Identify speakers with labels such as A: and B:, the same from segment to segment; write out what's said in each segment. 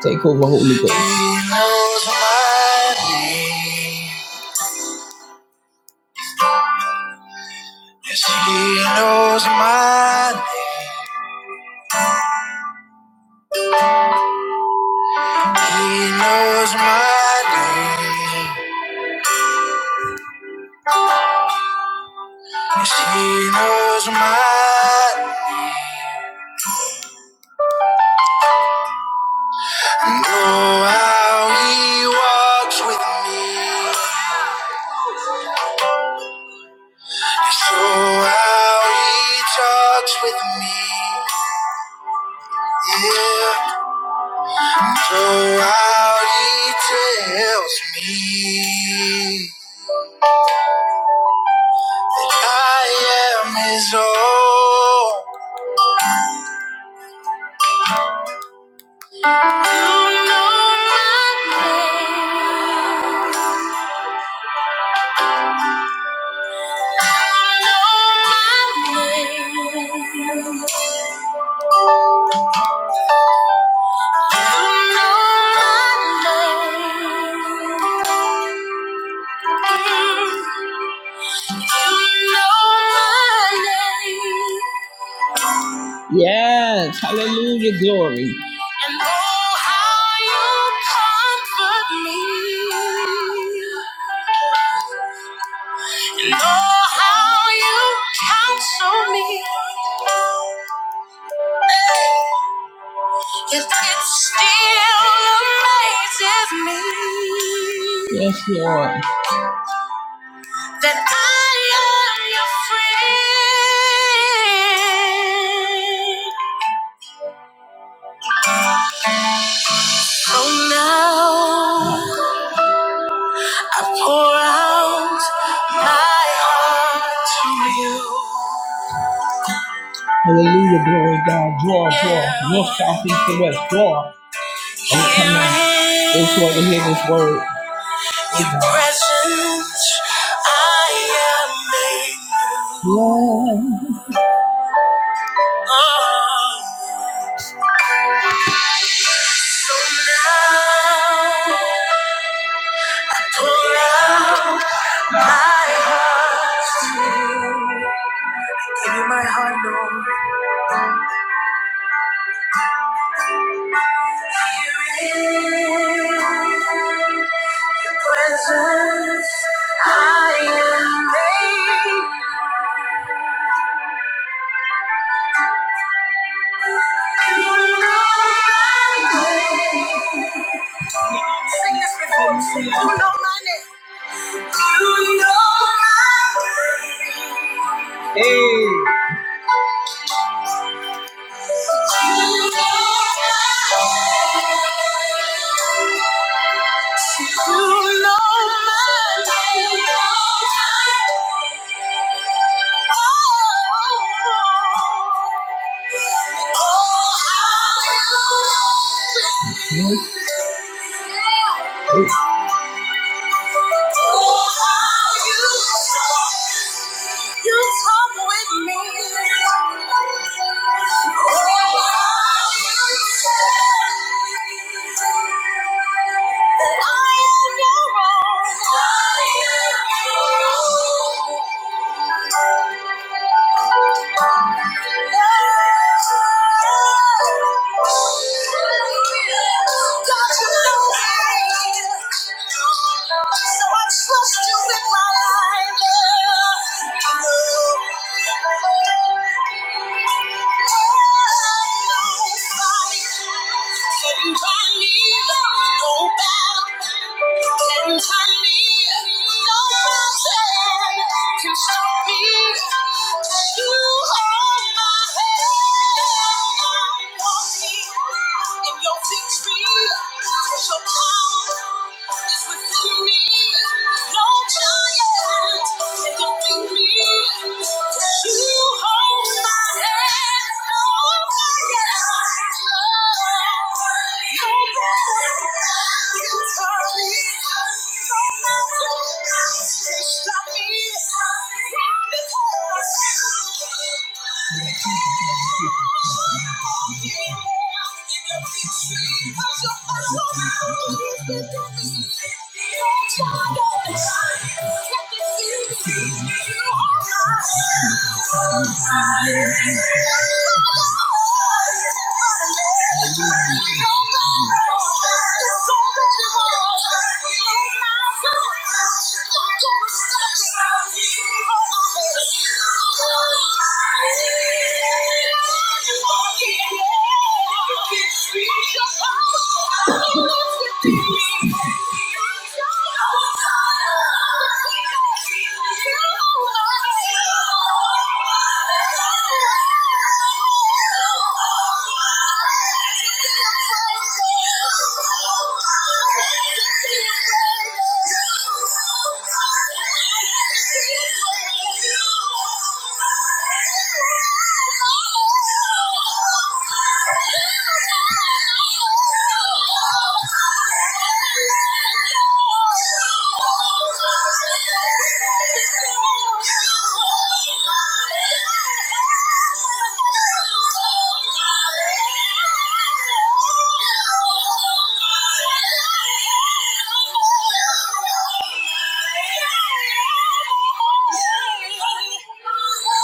A: Take over, Holy Ghost. He knows my name. Yes, he knows my name. He knows my name. Yes, he knows my name. Know how he walks with me. Yes, oh, how he talks with me. Yeah. So how he tells me. I am his own. You know my name. You know my name. You know my name. Mm. You know my name. And oh, how you comfort me. And oh, how you counsel me. It, it still amazes me that I am your friend. Oh, now. Pour out my heart to you. In your presence, I am made new. Now, Pour out my heart, Lord. Here in Your presence I am made. You know my name. Sing this before. me. Sing, you know my name. Oh, Oh, how you talk, you talk with me. Oh, how you talk. That I am no wrong. I am no wrong. God, so I'm so stupid, my life. Can turn me no Can turn me no mountain. Can stop me. You hold my hand and your victory, your power is within me. No giant can defeat me. You hold my hand. No giant, no giant can turn me. No mountain can stop me. Why? Because Thank you.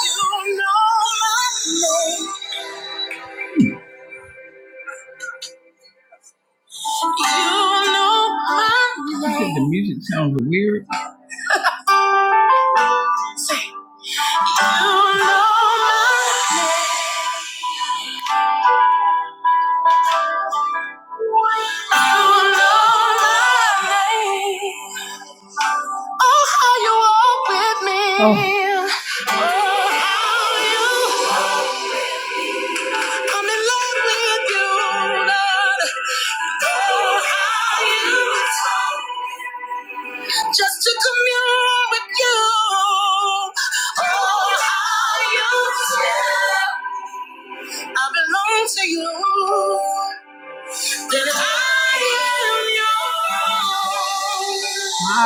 A: You know my name. You know my name. Say, you know my name. You know my name. Oh, how you walk with me. Oh, how you. I'm in love with you, Lord. Oh, how you. just to commune with you. Oh, how you feel. I belong to you. Then I am yours.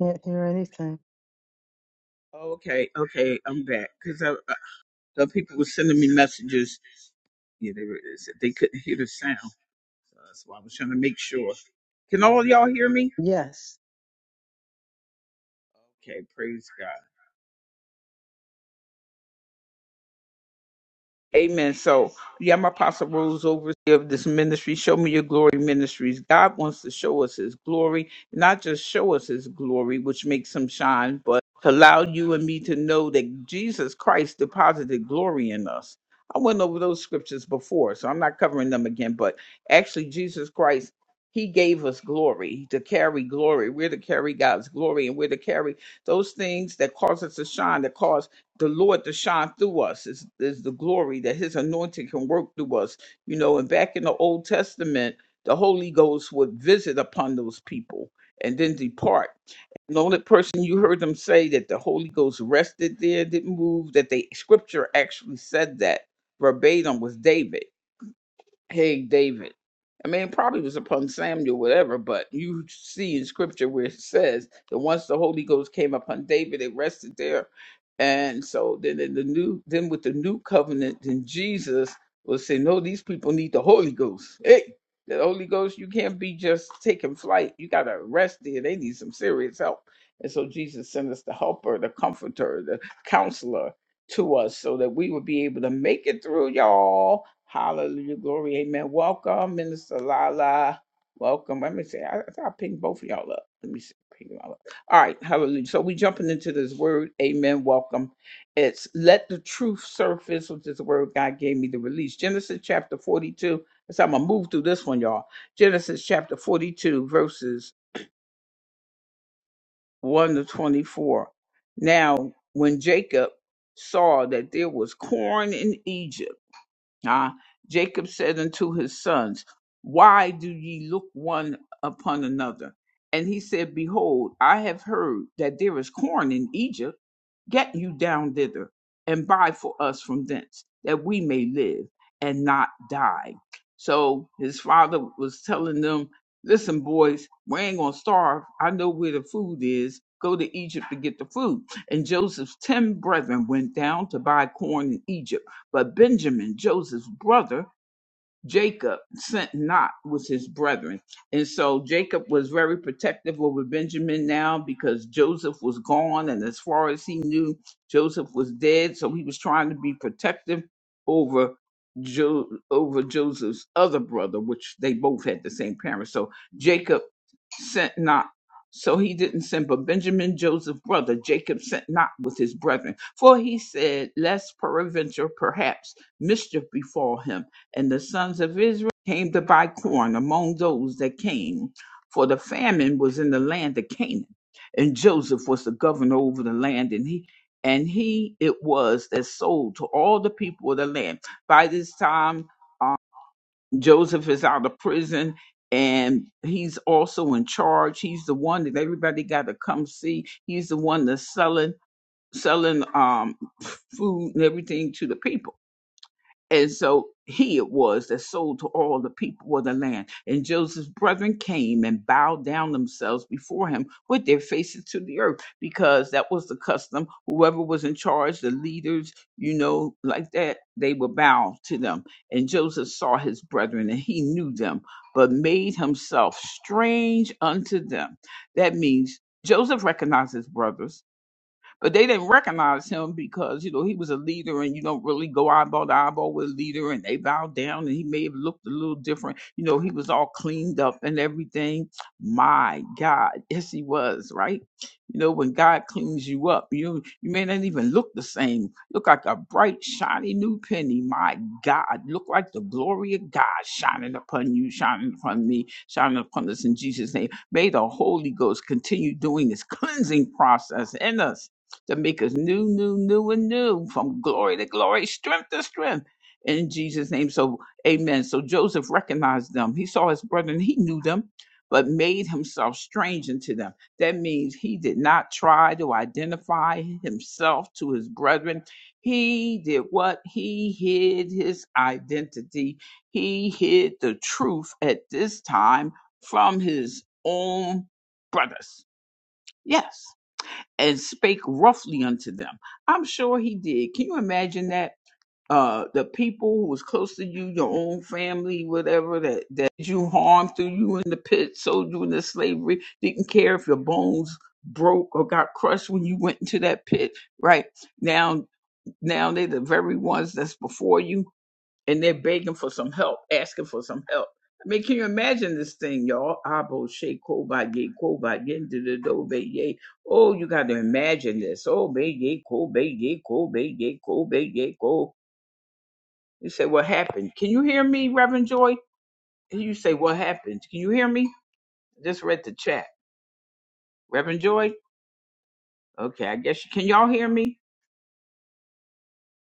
B: Can't hear anything. Yes.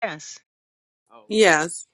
B: Yes.
C: Yes.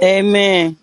D: Amen.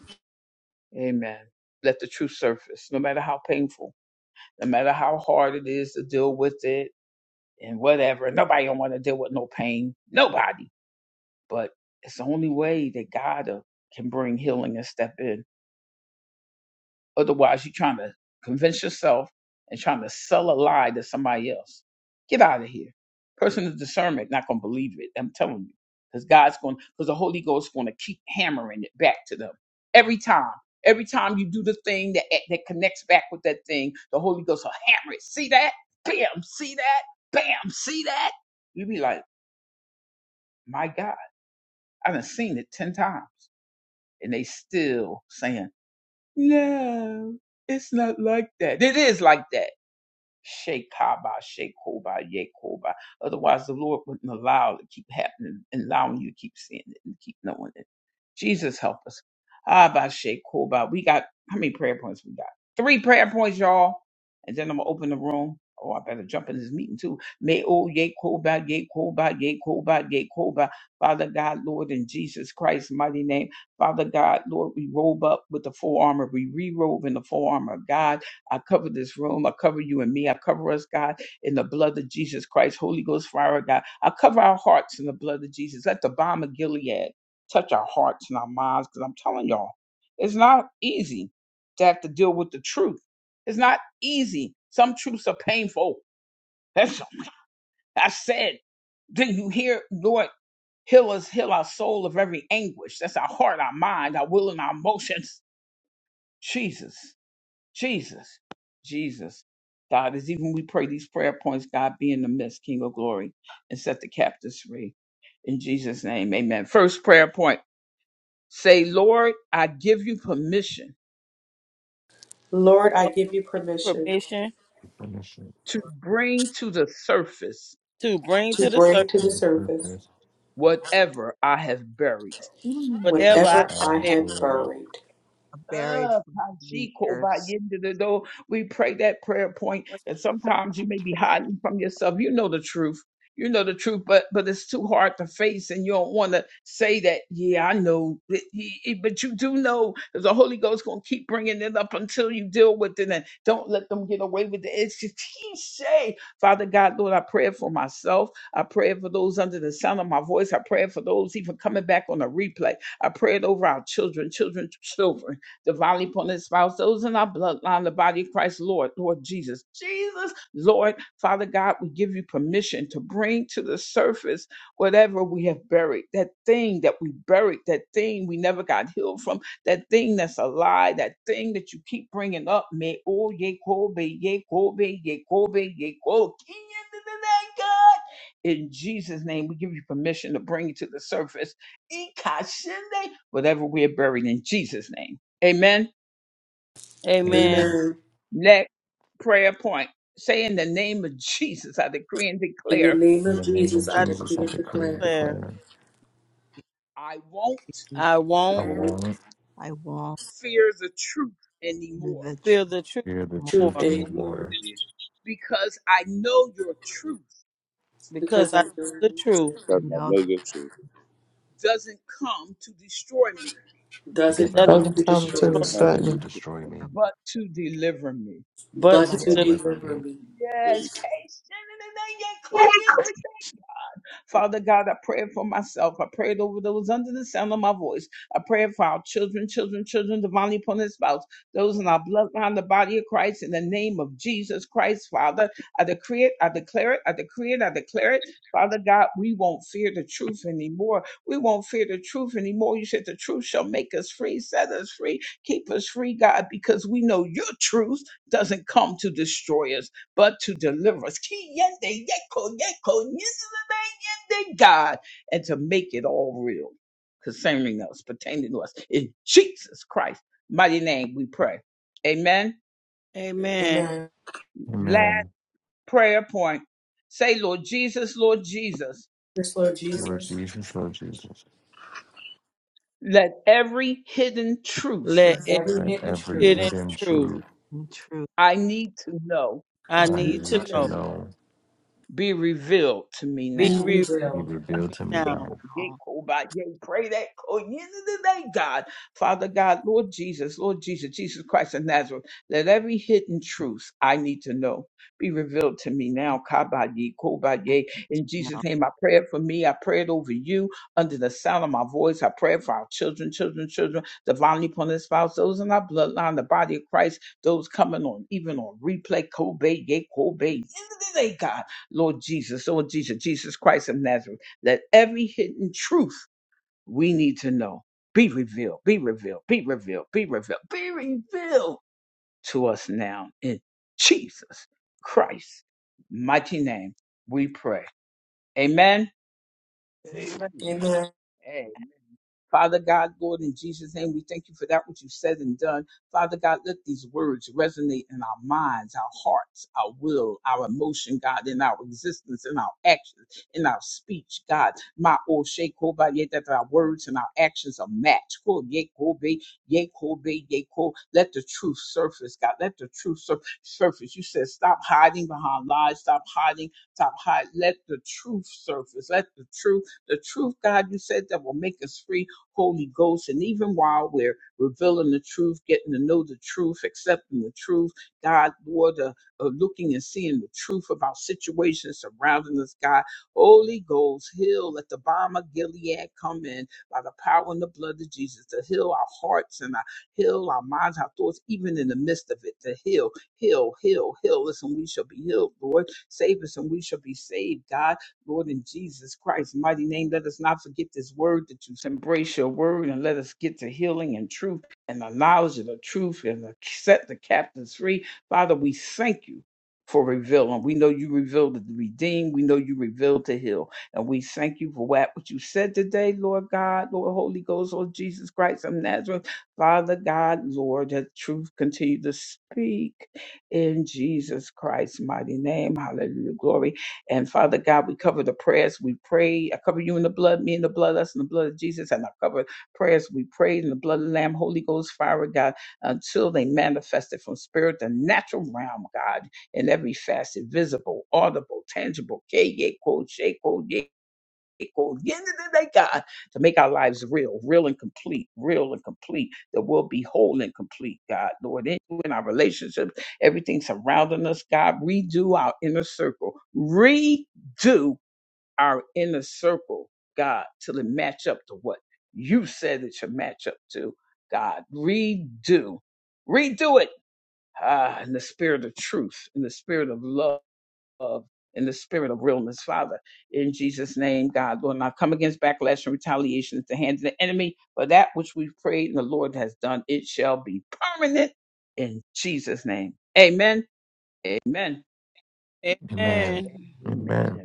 C: Lord, I
D: Lord,
C: give you
D: give me
C: permission
D: permission
E: punishment
D: to bring
C: to
D: to the surface
C: bring
E: into
C: to the
E: the
C: surface
E: purpose, whatever
D: whatever I
C: whatever
D: have
E: I
C: I
E: have
D: buried.
C: have
E: glory.
C: buried.
F: buried for many years.
D: Amen.
E: Amen.
C: Amen. In the name
E: In
C: of
E: the name of
C: Jesus, I
D: I
C: decree
E: Jesus, I
C: and
E: decree and
C: declare
D: declare
E: declare,
F: And
D: I
E: I
C: I
D: won't
C: know
E: won't
F: I walk in the
D: feel
F: true,
D: the truth
E: fear the
G: I
D: more
C: truth
E: truth
G: won't
C: anymore
E: anymore
G: perish
D: because
C: because
D: I
C: I
D: know
C: know
D: the
C: the
D: truth
C: truth
G: because I
F: know,
G: know your truth.
D: is
E: because
C: doesn't
E: I
C: come
E: know
H: Welcome
C: to
E: the truth
H: Tom,
C: destroy
H: to
G: Never
H: the
D: nothing
C: me,
E: doesn't
G: come to
E: come to
H: Sutton.
G: this
E: destroy me,
D: but
E: but
C: but
D: to
E: to
F: but
C: to
G: but
D: the
E: deliver
C: deliver
E: me.
C: me.
A: Yes,
G: goodness.
A: Case.
D: Amen.
C: Amen.
E: Amen.
C: Yes, Lord
E: Lord
C: Jesus,
E: Jesus, Lord Jesus,
D: Let
C: let
D: every
C: every
E: let
C: hidden
E: every
D: hidden
C: truth
E: hidden
D: truth
E: truth
F: in truth
D: I
C: I
F: I
E: I
D: need
C: need
D: to
E: need
C: to
E: to
D: know
C: know
E: know
D: be
C: be
D: revealed
E: be
C: revealed.
E: revealed to me now.
D: now.
F: call them that I know. and
G: Amen.
C: Amen.
E: Amen.
D: Amen.
E: Amen.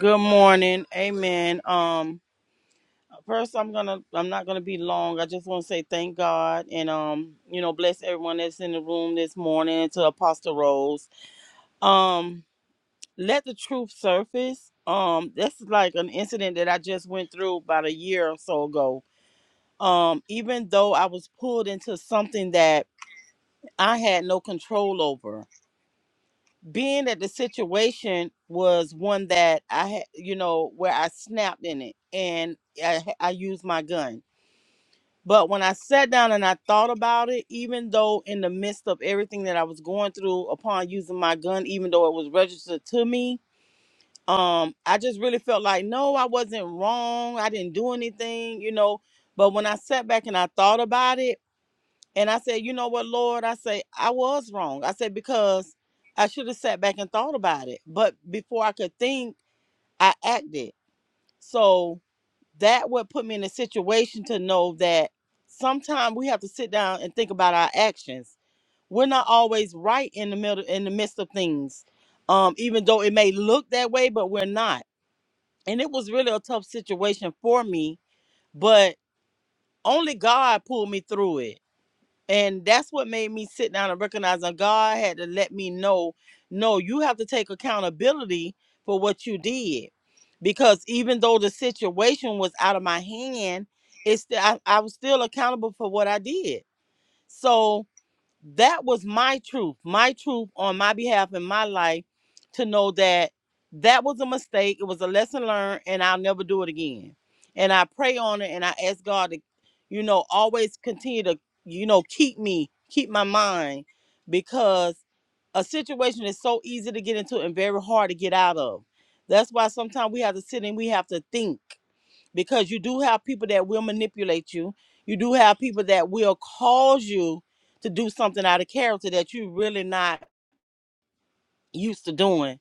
D: Good morning. Amen. Um. First, I'm gonna I'm not gonna be long. I just want to say thank God and um you know bless everyone that's in the room this morning to Apostle Rose. Um, let the truth surface. Um, this is like an incident that I just went through about a year or so ago. Um, even though I was pulled into something that I had no control over, being that the situation was one that I had, you know, where I snapped in it and I, I used my gun But when I sat down and I thought about it, even though in the midst of everything that I was going through upon using my gun, even though it was registered to me, um, I just really felt like, no, I wasn't wrong. I didn't do anything, you know. But when I sat back and I thought about it, and I said, you know what, Lord, I say, I was wrong. I said, because I should have sat back and thought about it. But before I could think, I acted. So that would put me in a situation to know that sometimes we have to sit down and think about our actions. We're not always right in the middle in the midst of things. Um, even though it may look that way, but we're not. And it was really a tough situation for me, but only God pulled me through it and that's what made me sit down and recognize that God had to let me know, no, you have to take accountability for what you did. Because even though the situation was out of my hand, it's still I, I was still accountable for what I did. So that was my truth, my truth on my behalf in my life to know that that was a mistake. It was a lesson learned, and I'll never do it again. And I pray on it and I ask God to, you know, always continue to, you know, keep me, keep my mind because a situation is so easy to get into and very hard to get out of. That's why sometimes we have to sit and we have to think because you do have people that will manipulate you. You do have people that will cause you to do something out of character that you're really not used to doing.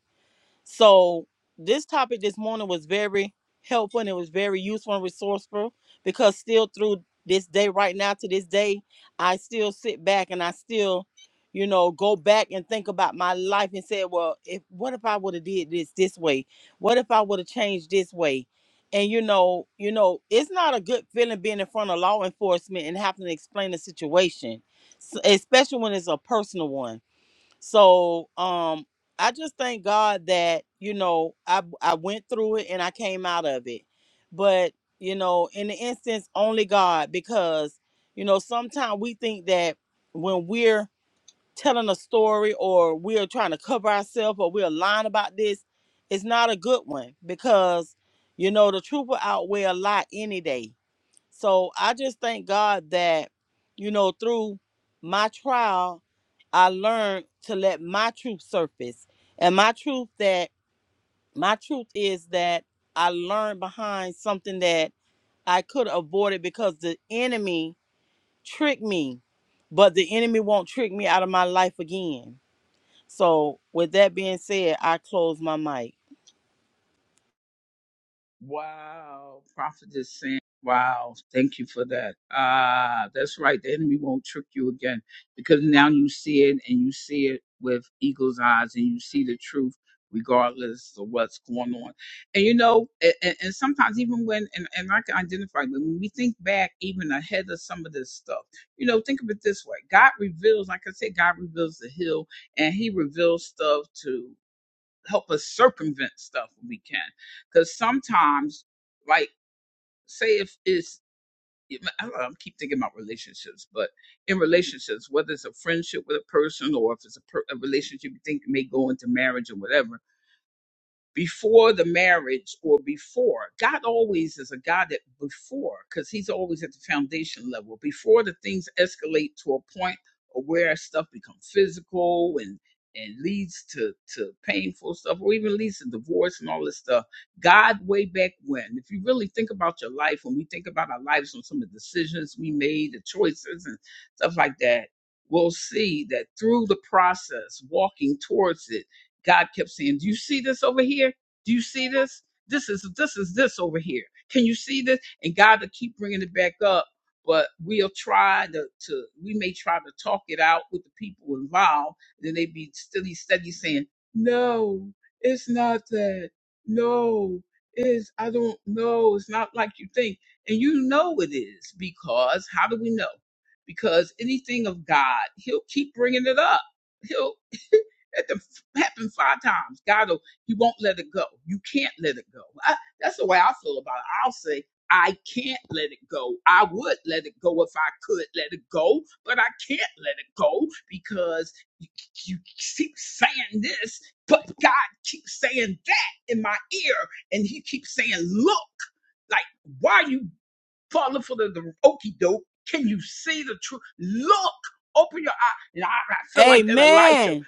D: So this topic this morning was very helpful and it was very useful and resourceful because still through this day right now to this day, I still sit back and I still, you know, go back and think about my life and say, well, if what if I would have did this this way? What if I would have changed this way? And you know, you know, it's not a good feeling being in front of law enforcement and having to explain the situation, s- especially when it's a personal one so um I just thank God that, you know, I I went through it and I came out of it. But, you know, in the instance only God because, you know, sometimes we think that when we're telling a story or we're trying to cover ourselves or we're lying about this, it's not a good one because you know the truth will outweigh a lie any day. So I just thank God that, you know, through my trial, I learned to let my truth surface. And my truth that my truth is that I learned behind something that I could have avoided because the enemy tricked me. But the enemy won't trick me out of my life again. So with that being said, I close my mic. Amen.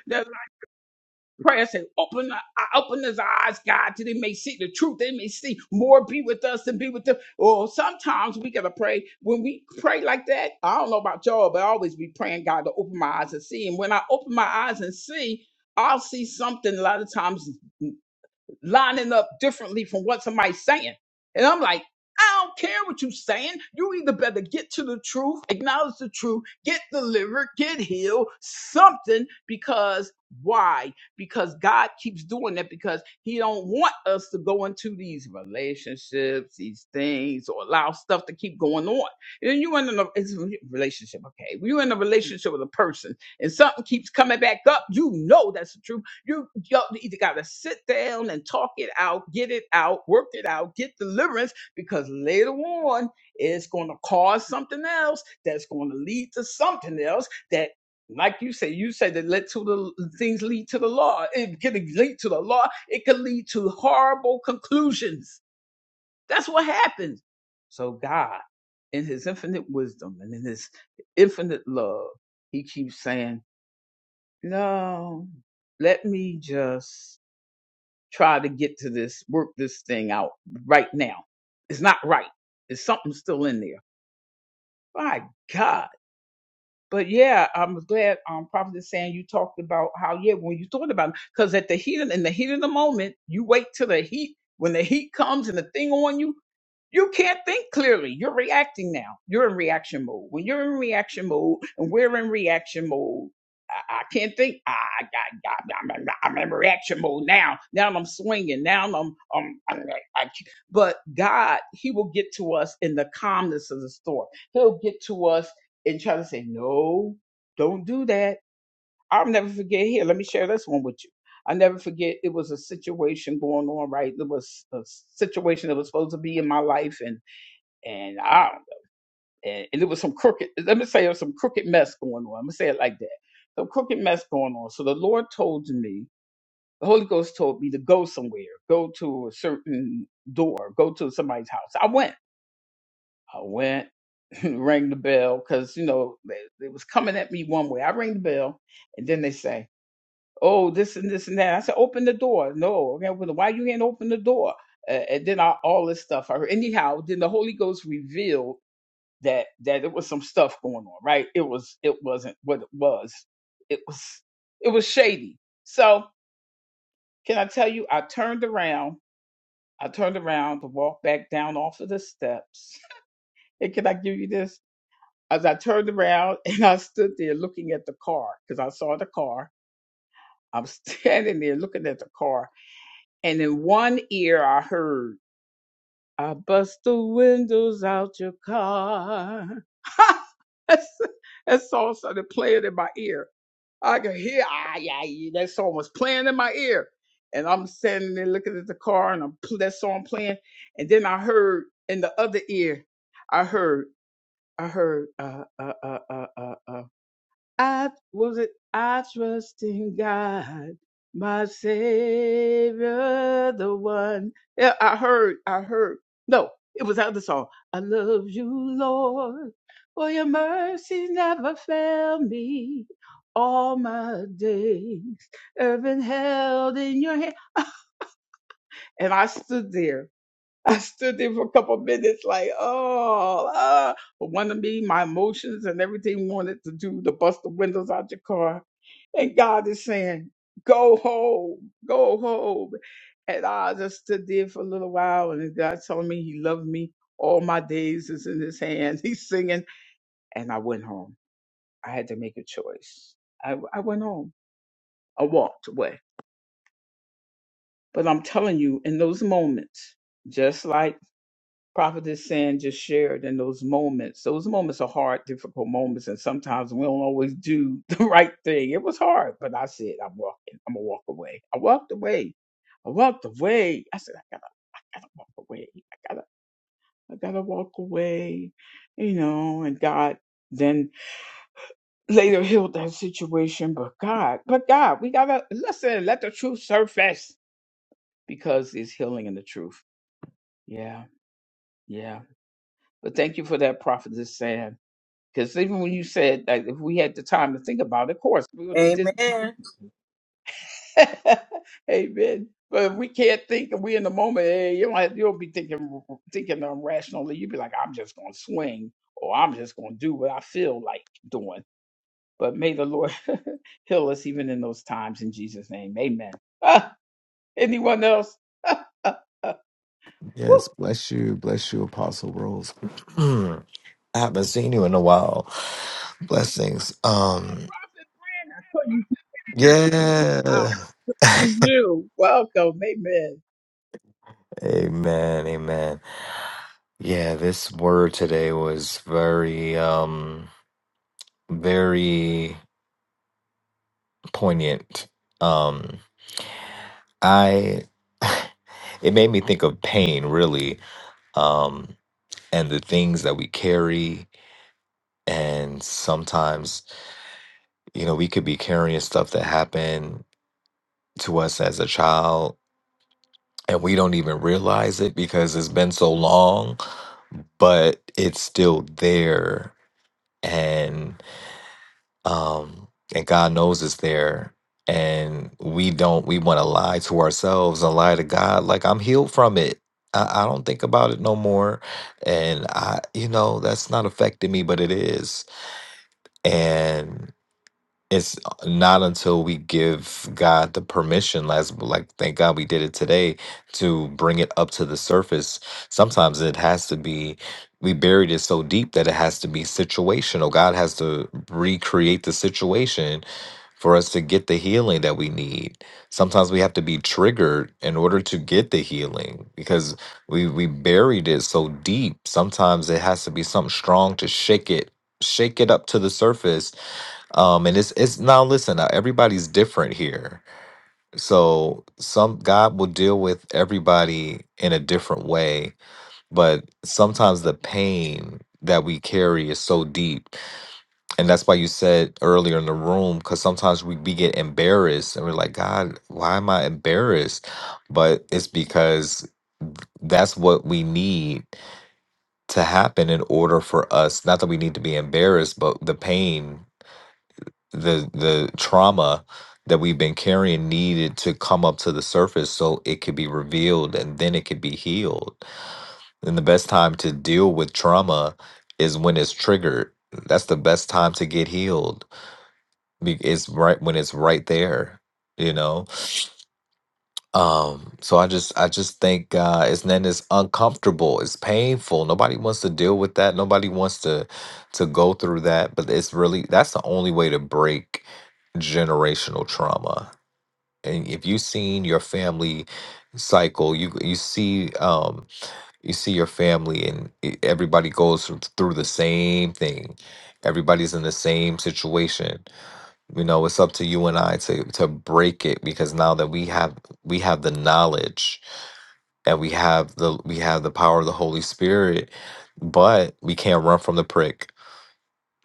D: Amen.
E: Yes, bless you. Bless you, Apostle Rose. I haven't seen you in a while. Blessings. Um, yeah. Amen. Amen. Yeah, this word today was very, um, very poignant. Um, I, it made me think of pain, really, um, and the things that we carry. And sometimes, you know, we could be carrying stuff that happened to us as a child and we don't even realize it because it's been so long, but it's still there and um and God knows it's there and we don't we want to lie to ourselves and lie to God like I'm healed from it. I, I don't think about it no more and I you know that's not affecting me but it is. it's uh, not until we give God the permission, last like thank God we did it today to bring it up to the surface. Sometimes it has to be we buried it so deep that it has to be situational. God has to recreate the situation for us to get the healing that we need. Sometimes we have to be triggered in order to get the healing because we we buried it so deep. Sometimes it has to be something strong to shake it, shake it up to the surface um, and it's it's now listen, now everybody's different here. So some God will deal with everybody in a different way, but sometimes the pain that we carry is so deep. And that's why you said earlier in the room, because sometimes we, we get embarrassed and we're like, God, why am I embarrassed? But it's because that's what we need to happen in order for us, not that we need to be embarrassed, but the pain the the trauma that we've been carrying needed to come up to the surface so it could be revealed and then it could be healed. And the best time to deal with trauma is when it's triggered. That's the best time to get healed. Be- It's right when it's right there, you know? Um, so I just I just think uh it's and then it's uncomfortable, it's painful. Nobody wants to deal with that. Nobody wants to to go through that, but it's really that's the only way to break generational trauma. And if you've seen your family cycle, you you see um you see your family and e- everybody goes through through the same thing. Everybody's in the same situation you know, it's up to you and I to to break it because now that we have we have the knowledge and we have the we have the power of the Holy Spirit, but we can't run from the prick.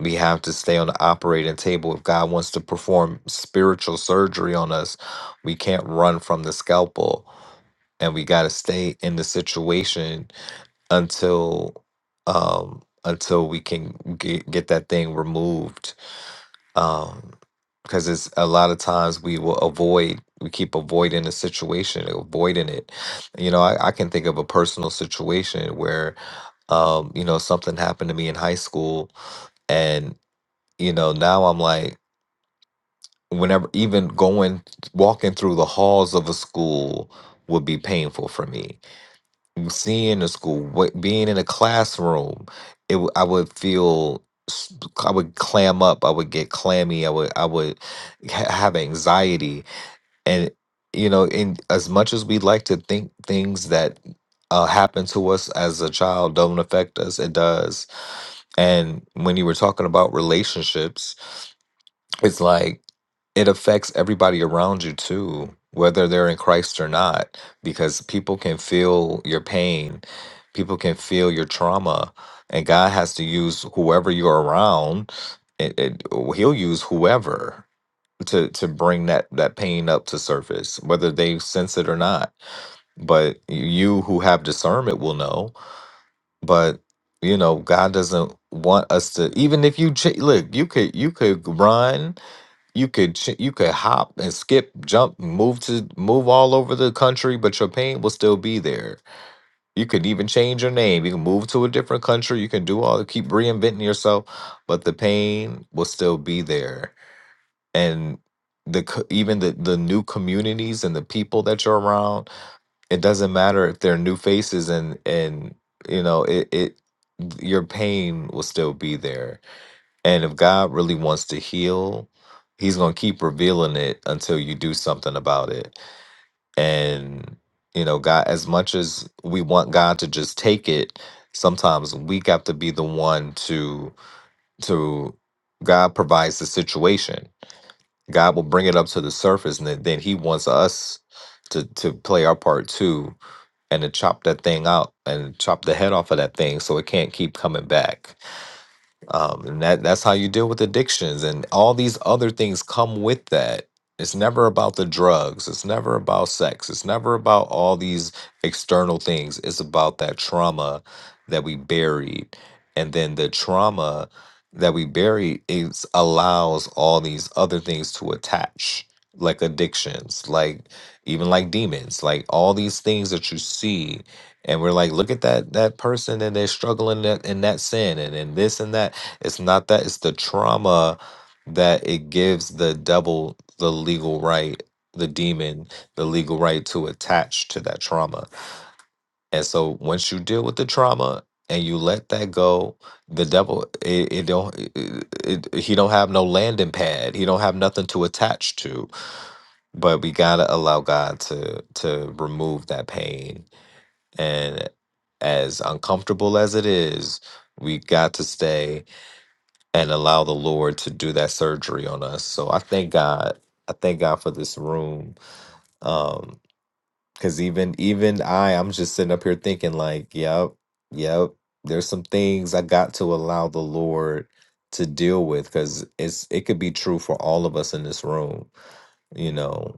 E: We have to stay on the operating table. If God wants to perform spiritual surgery on us, we can't run from the scalpel and we got to stay in the situation until um until we can get get that thing removed um because it's a lot of times we will avoid we keep avoiding a situation avoiding it you know I, I can think of a personal situation where um you know something happened to me in high school and you know now i'm like whenever even going walking through the halls of a school would be painful for me seeing the school, what, being in a classroom, it w- I would feel s- I would clam up, I would get clammy, I would I would ha- have anxiety, and you know, in as much as we like to think things that uh, happen to us as a child don't affect us, it does. And when you were talking about relationships it's like it affects everybody around you too, whether they're in Christ or not, because people can feel your pain, people can feel your trauma, and God has to use whoever you're around. It, it, he'll use whoever to to bring that that pain up to surface, whether they sense it or not. But you who have discernment will know. But you know, God doesn't want us to. Even if you ch- look, you could you could run you could ch- you could hop and skip, jump, move to move all over the country, but your pain will still be there. You could even change your name. You can move to a different country. You can do all keep reinventing yourself, but the pain will still be there. And the co- even the the new communities and the people that you're around, it doesn't matter if they're new faces and and you know it it your pain will still be there and if God really wants to heal, He's going to keep revealing it until you do something about it. And, you know, God, as much as we want God to just take it, sometimes we got to be the one to, to, God provides the situation. God will bring it up to the surface and then then He wants us to, to play our part too and to chop that thing out and chop the head off of that thing so it can't keep coming back um, and that that's how you deal with addictions and all these other things come with that it's never about the drugs it's never about sex it's never about all these external things it's about that trauma that we buried and then the trauma that we buried is allows all these other things to attach like addictions like even like demons like all these things that you see and we're like look at that that person and they're struggling in that, in that sin and in this and that it's not that, it's the trauma that it gives the devil the legal right, the demon, the legal right to attach to that trauma. And so once you deal with the trauma and you let that go, the devil it, it don't it, it, he don't have no landing pad. He don't have nothing to attach to. But we got to allow God to to remove that pain and as uncomfortable as it is, we got to stay and allow the Lord to do that surgery on us. So I thank God. I thank God for this room. Um, cause even even I, I'm just sitting up here thinking like, yep, yep. There's some things I got to allow the Lord to deal with because it's it could be true for all of us in this room, you know.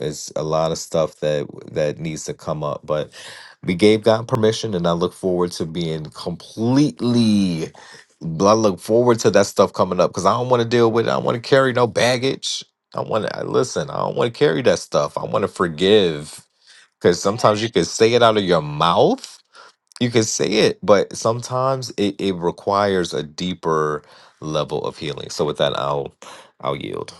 E: It's a lot of stuff that that needs to come up, but we gave God permission, and I look forward to being completely. I look forward to that stuff coming up because I don't want to deal with. it. I don't want to carry no baggage. I want to listen. I don't want to carry that stuff. I want to forgive because sometimes you can say it out of your mouth. You can say it, but sometimes it, it requires a deeper level of healing. So with that, I'll I'll yield.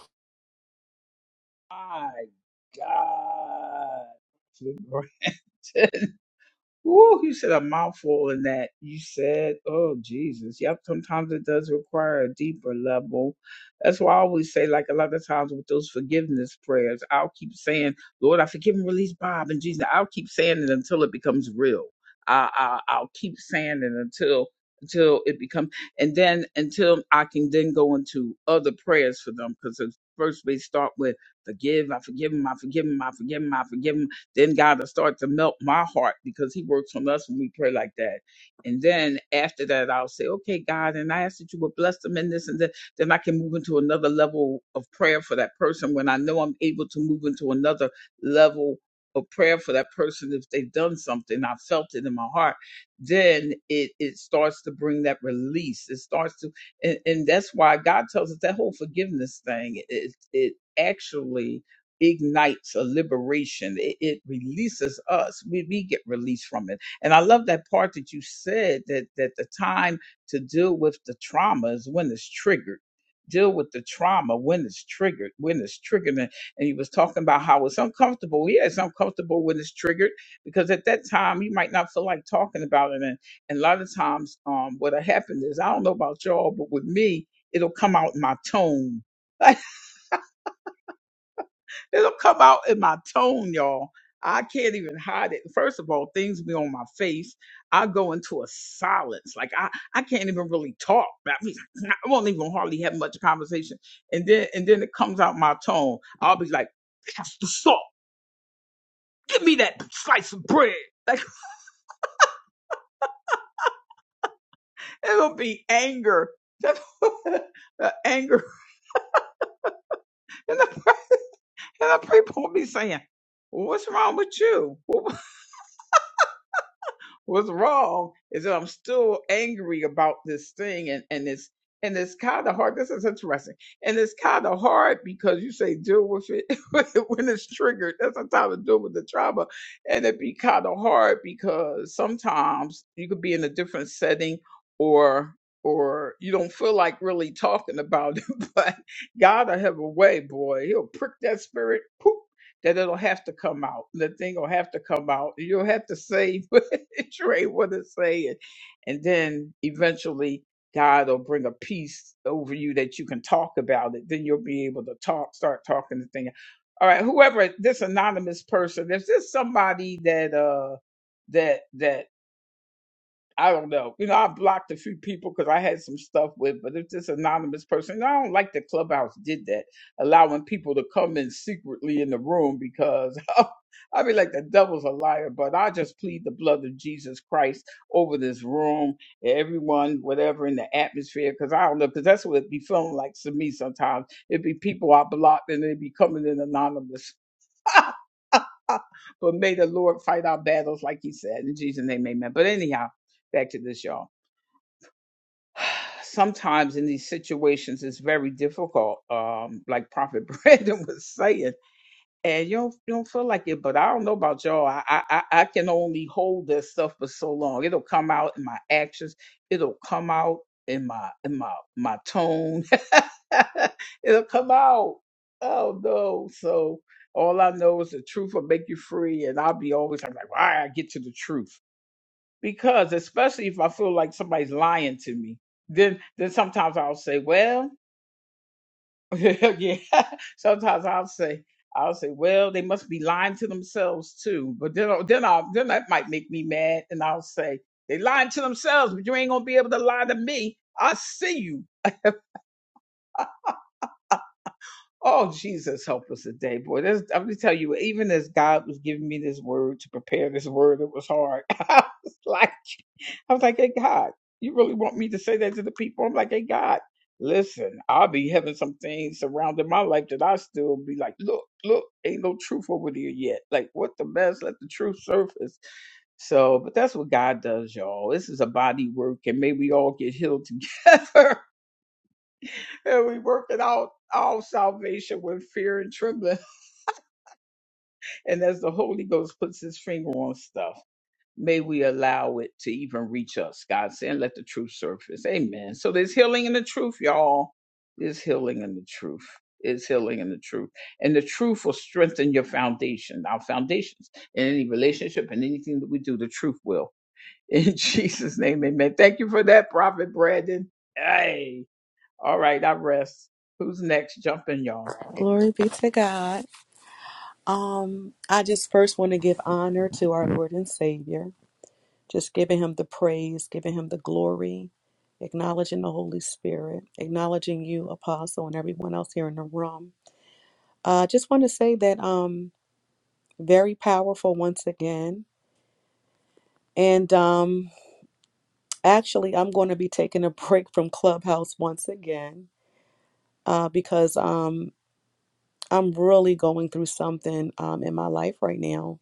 C: Glory be to God. Um, I just first want to give honor to our Lord and Savior, just giving him the praise, giving him the glory, acknowledging the Holy Spirit, acknowledging you, Apostle, and everyone else here in the room. I uh, just want to say that um very powerful once again. And um actually I'm going to be taking a break from Clubhouse once again, uh, because um I'm really going through something um in my life right now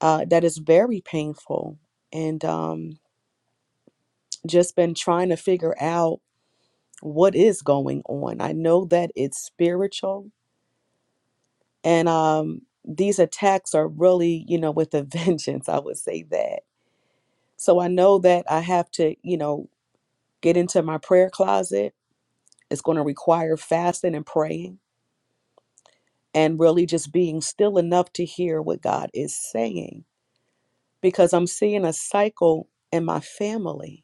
C: uh that is very painful. And um just been trying to figure out what is going on. I know that it's spiritual and um these attacks are really, you know, with a vengeance, I would say that. So I know that I have to, you know, get into my prayer closet. It's going to require fasting and praying and really just being still enough to hear what God is saying because I'm seeing a cycle in my family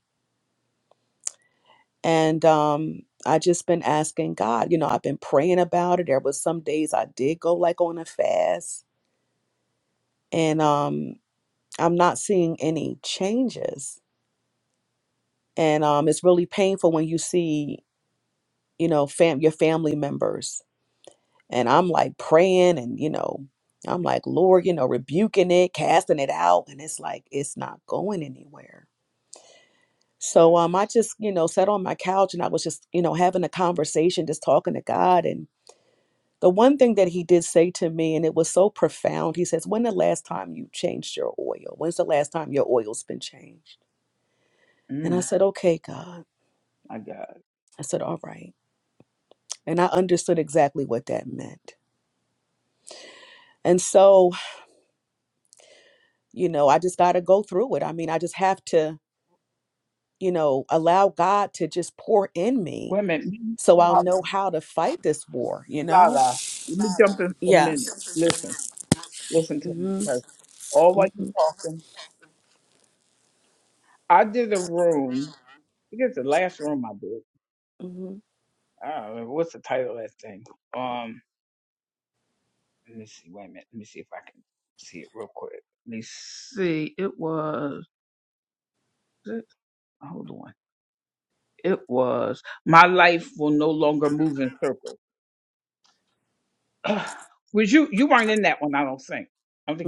C: and um i just been asking god you know i've been praying about it there was some days i did go like on a fast and um i'm not seeing any changes and um it's really painful when you see you know fam your family members and i'm like praying and you know i'm like lord you know rebuking it casting it out and it's like it's not going anywhere so um i just you know sat on my couch and i was just you know having a conversation just talking to god and The one thing that he did say to me, and it was so profound, he says, When the last time you changed your oil? When's the last time your oil's been changed? And I said, Okay, God. I said, All right. And I understood exactly what that meant. And so, you know, I just got to go through it. I mean, I just have to, you know, allow God to just pour in me so I'll know how to fight this war, you know? Yeah. Mm-hmm, mm-hmm, mm-hmm.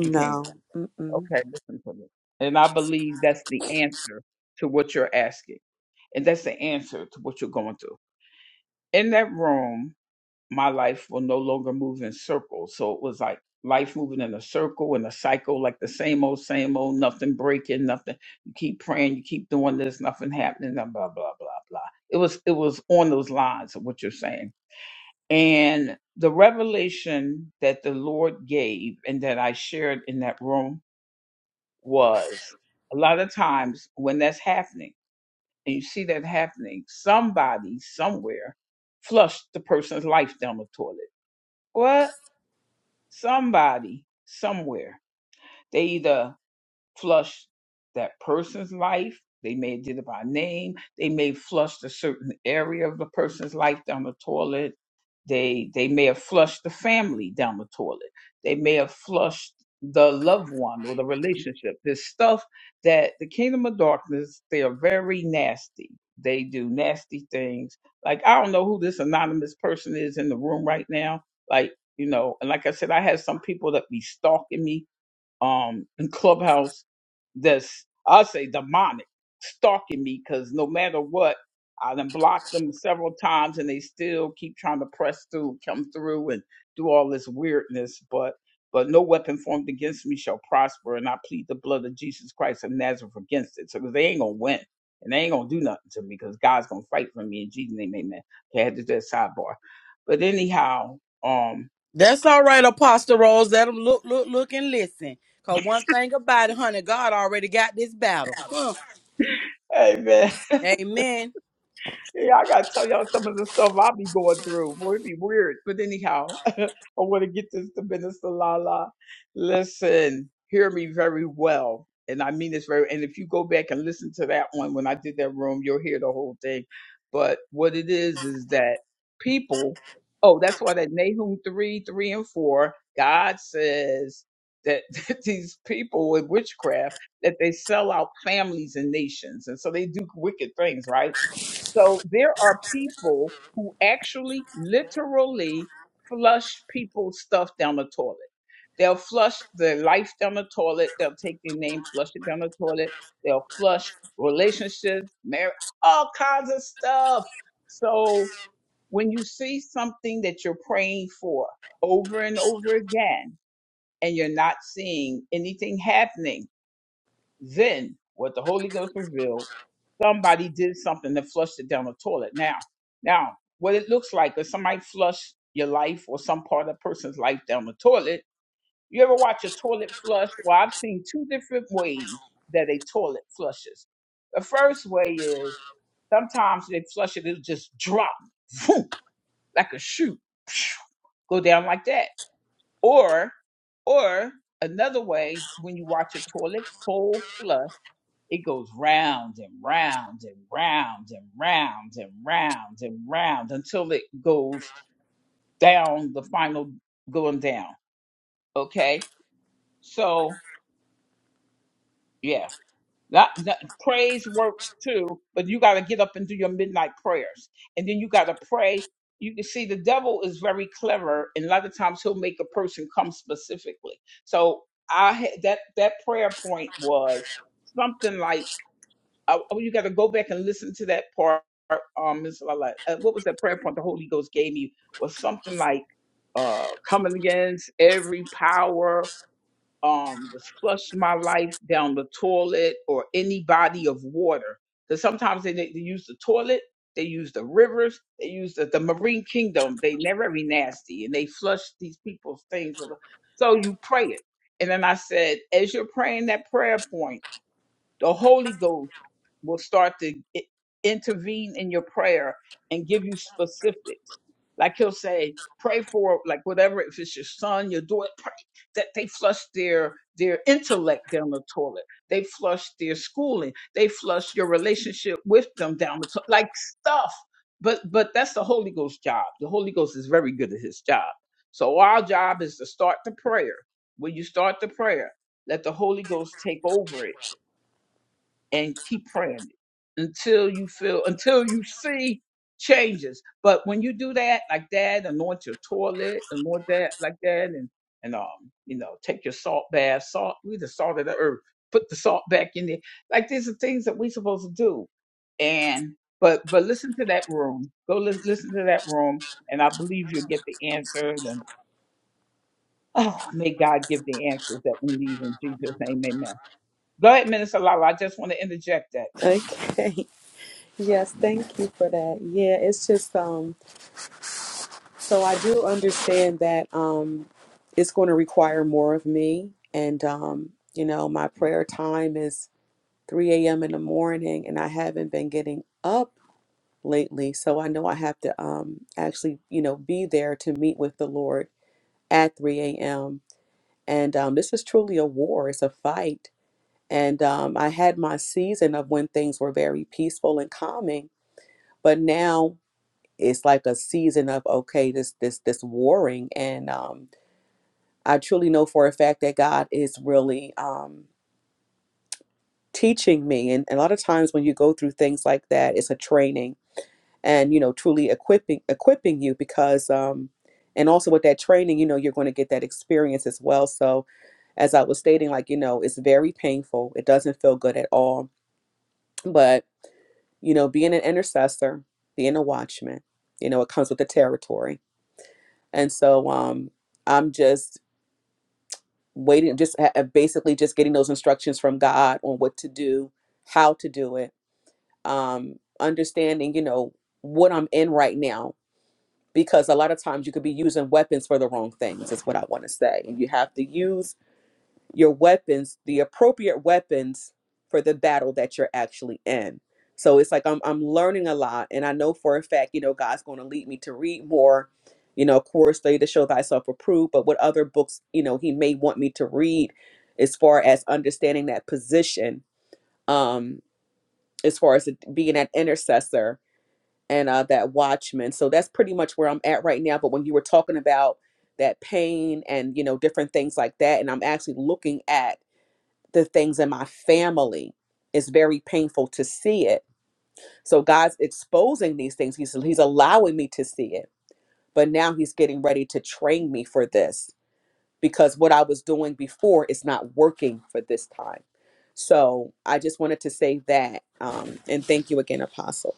C: No. Mm-mm.
D: That's all right, Apostle Rose. Let them look, look, look, and listen. Cause one thing about it, honey, God already got this battle. Huh. Amen.
C: Okay. Yes, thank you for that. Yeah, it's just um so I do understand that um it's going to require more of me and um you know my prayer time is 3 a.m. in the morning and I haven't been getting up lately so I know I have to um actually you know be there to meet with the Lord at 3 a.m. and um this is truly a war it's a fight and um I had my season of when things were very peaceful and calming but now it's like a season of okay this this this warring and um i truly know for a fact that god is really um teaching me and, and a lot of times when you go through things like that it's a training and you know truly equipping equipping you because um and also with that training you know you're going to get that experience as well so as i was stating like you know it's very painful it doesn't feel good at all but you know being an intercessor being a watchman you know it comes with the territory and so um i'm just waiting just ha- uh, basically just getting those instructions from god on what to do how to do it um understanding you know what i'm in right now because a lot of times you could be using weapons for the wrong things is what i want to say and you have to use your weapons, the appropriate weapons for the battle that you're actually in. So it's like I'm I'm learning a lot, and I know for a fact, you know, God's going to lead me to read more. You know, of course, study to show thyself approved, but what other books, you know, He may want me to read, as far as understanding that position, um, as far as it being an intercessor and uh, that watchman. So that's pretty much where I'm at right now. But when you were talking about that pain and you know different things like that, and I'm actually looking at the things in my family. It's very painful to see it. So God's exposing these things. He's he's allowing me to see it. But now he's getting ready to train me for this because what I was doing before is not working for this time. So I just wanted to say that. Um, and thank you again, Apostle.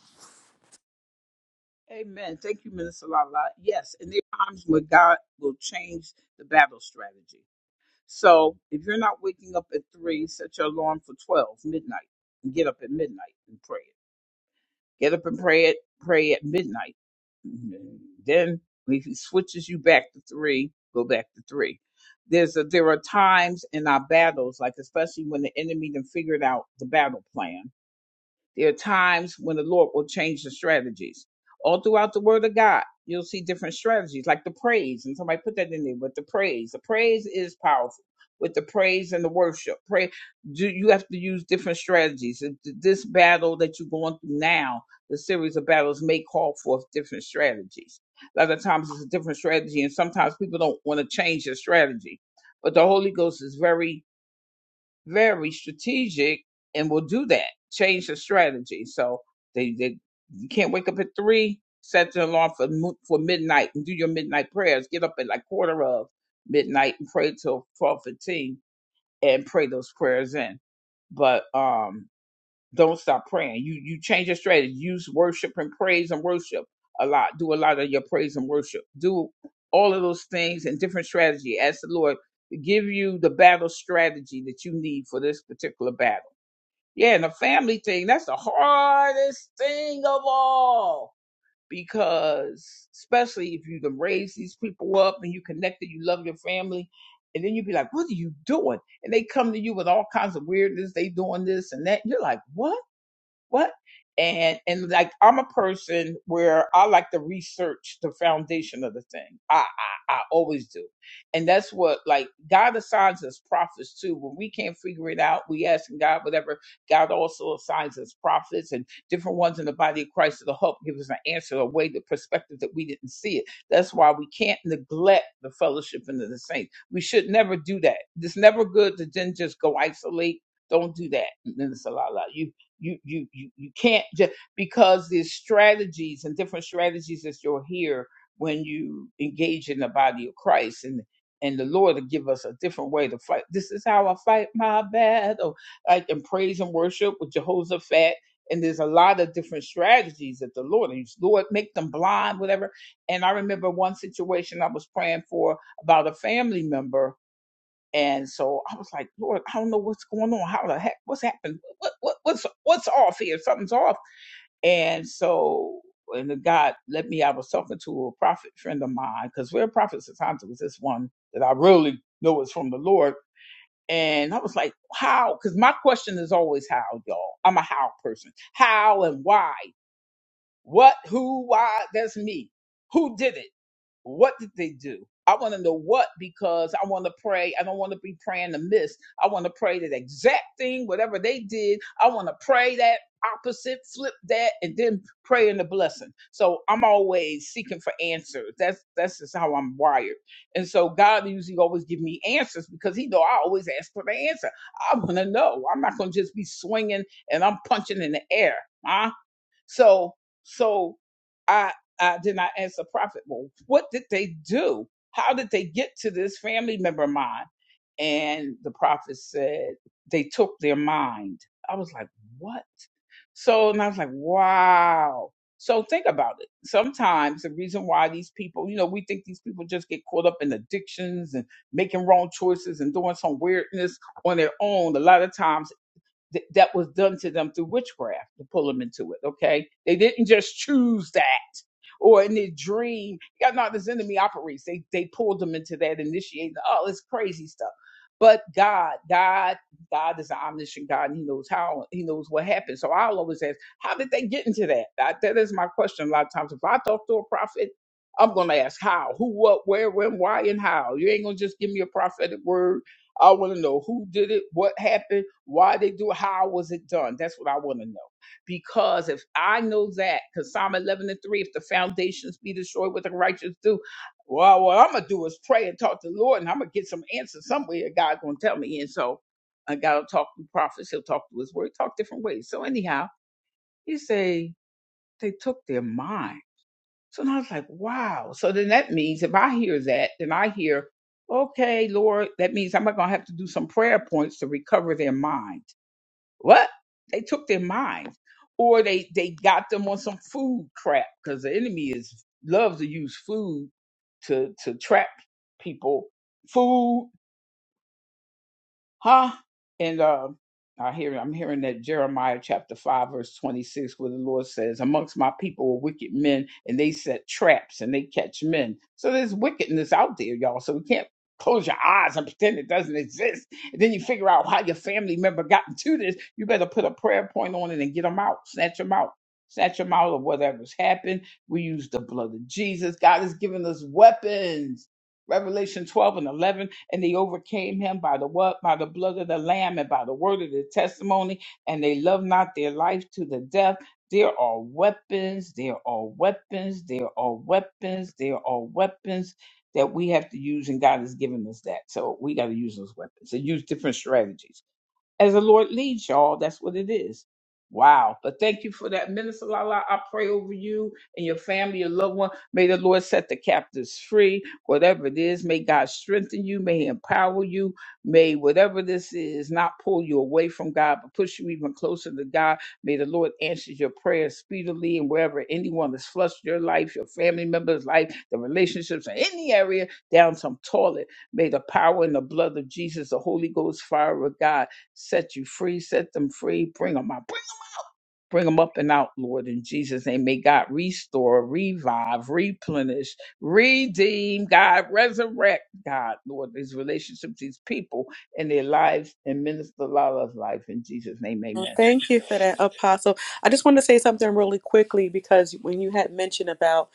C: Well, thank you for that, Apostle. I just wanted to say something really quickly because when you had mentioned about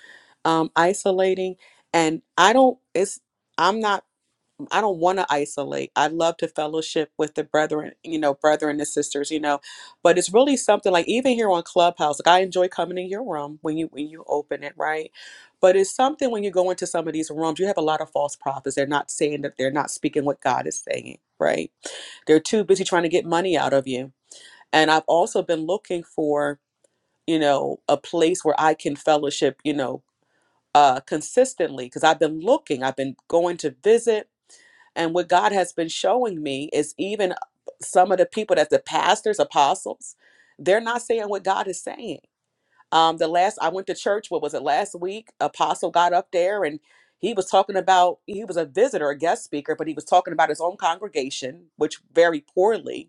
C: um, isolating, and I don't, it's, i am not I don't want to isolate. I love to fellowship with the brethren, you know, brethren and sisters, you know. But it's really something like even here on Clubhouse, like I enjoy coming in your room when you when you open it, right? But it's something when you go into some of these rooms, you have a lot of false prophets. They're not saying that they're not speaking what God is saying, right? They're too busy trying to get money out of you. And I've also been looking for, you know, a place where I can fellowship, you know, uh consistently because I've been looking, I've been going to visit and what God has been showing me is even uh, some of the people that the pastors, apostles, they're not saying what God is saying. Um, the last I went to church, what was it last week? Apostle got up there and he was talking about he was a visitor, a guest speaker, but he was talking about his own congregation, which very poorly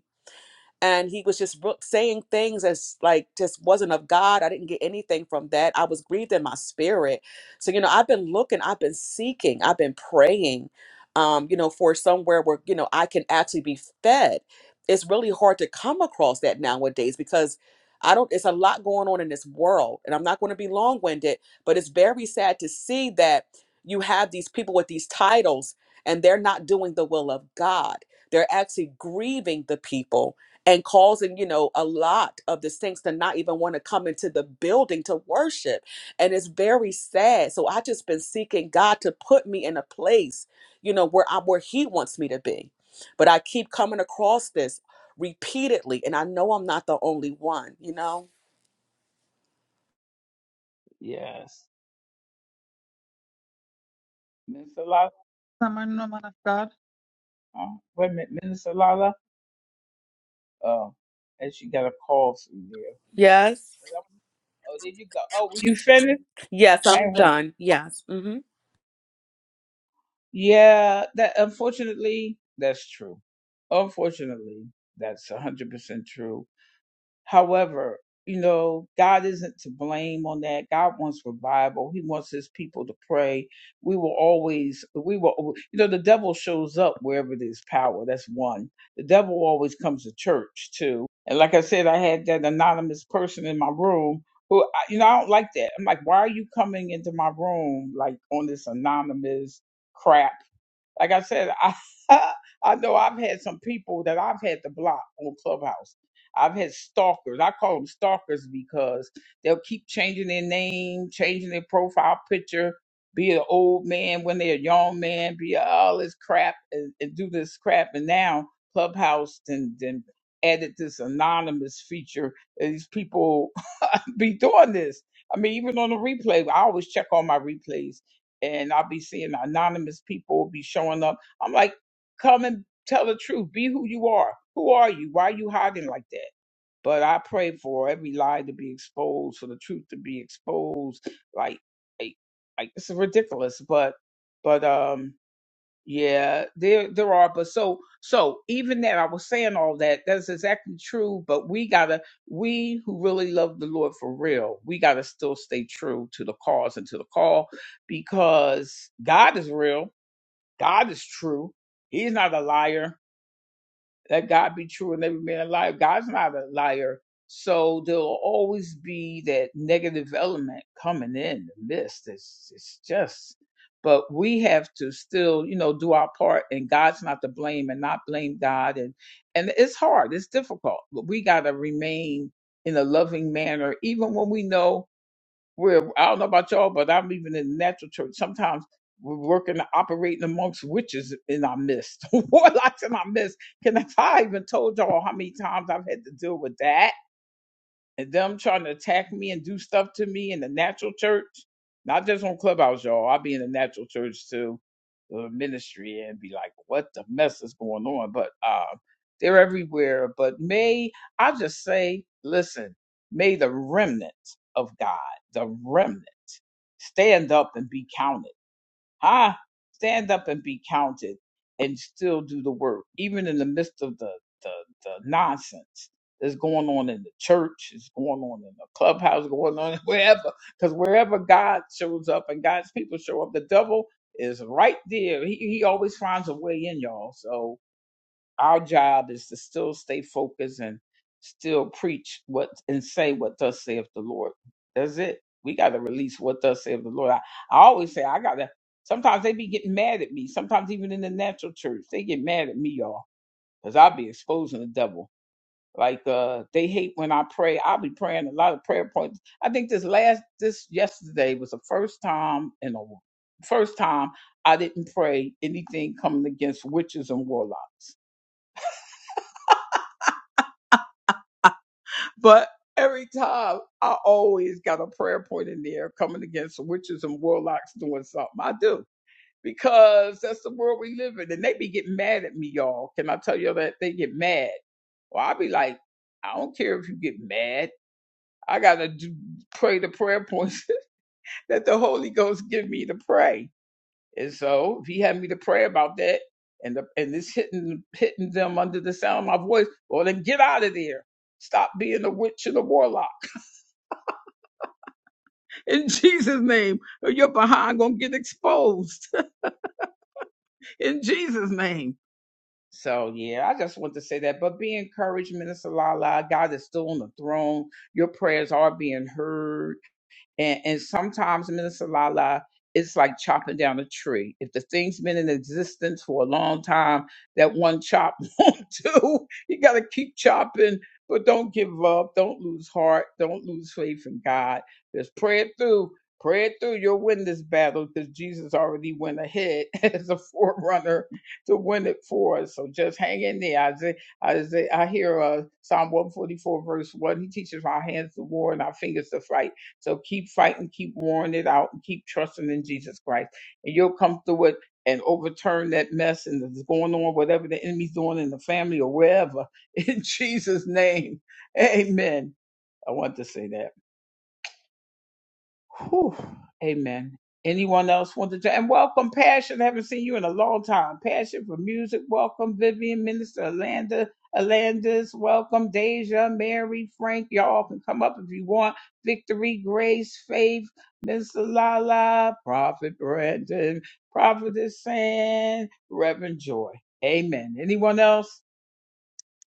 C: and he was just ro- saying things as like just wasn't of God. I didn't get anything from that. I was grieved in my spirit. So you know, I've been looking, I've been seeking, I've been praying, um, you know, for somewhere where you know I can actually be fed. It's really hard to come across that nowadays because I don't. It's a lot going on in this world, and I'm not going to be long winded, but it's very sad to see that you have these people with these titles and they're not doing the will of God. They're actually grieving the people and causing you know a lot of the saints to not even want to come into the building to worship and it's very sad so i just been seeking god to put me in a place you know where i where he wants me to be but i keep coming across this repeatedly and i know i'm not the only one you know
I: Someone, woman of God.
C: Yes. yes i'm done yes mhm.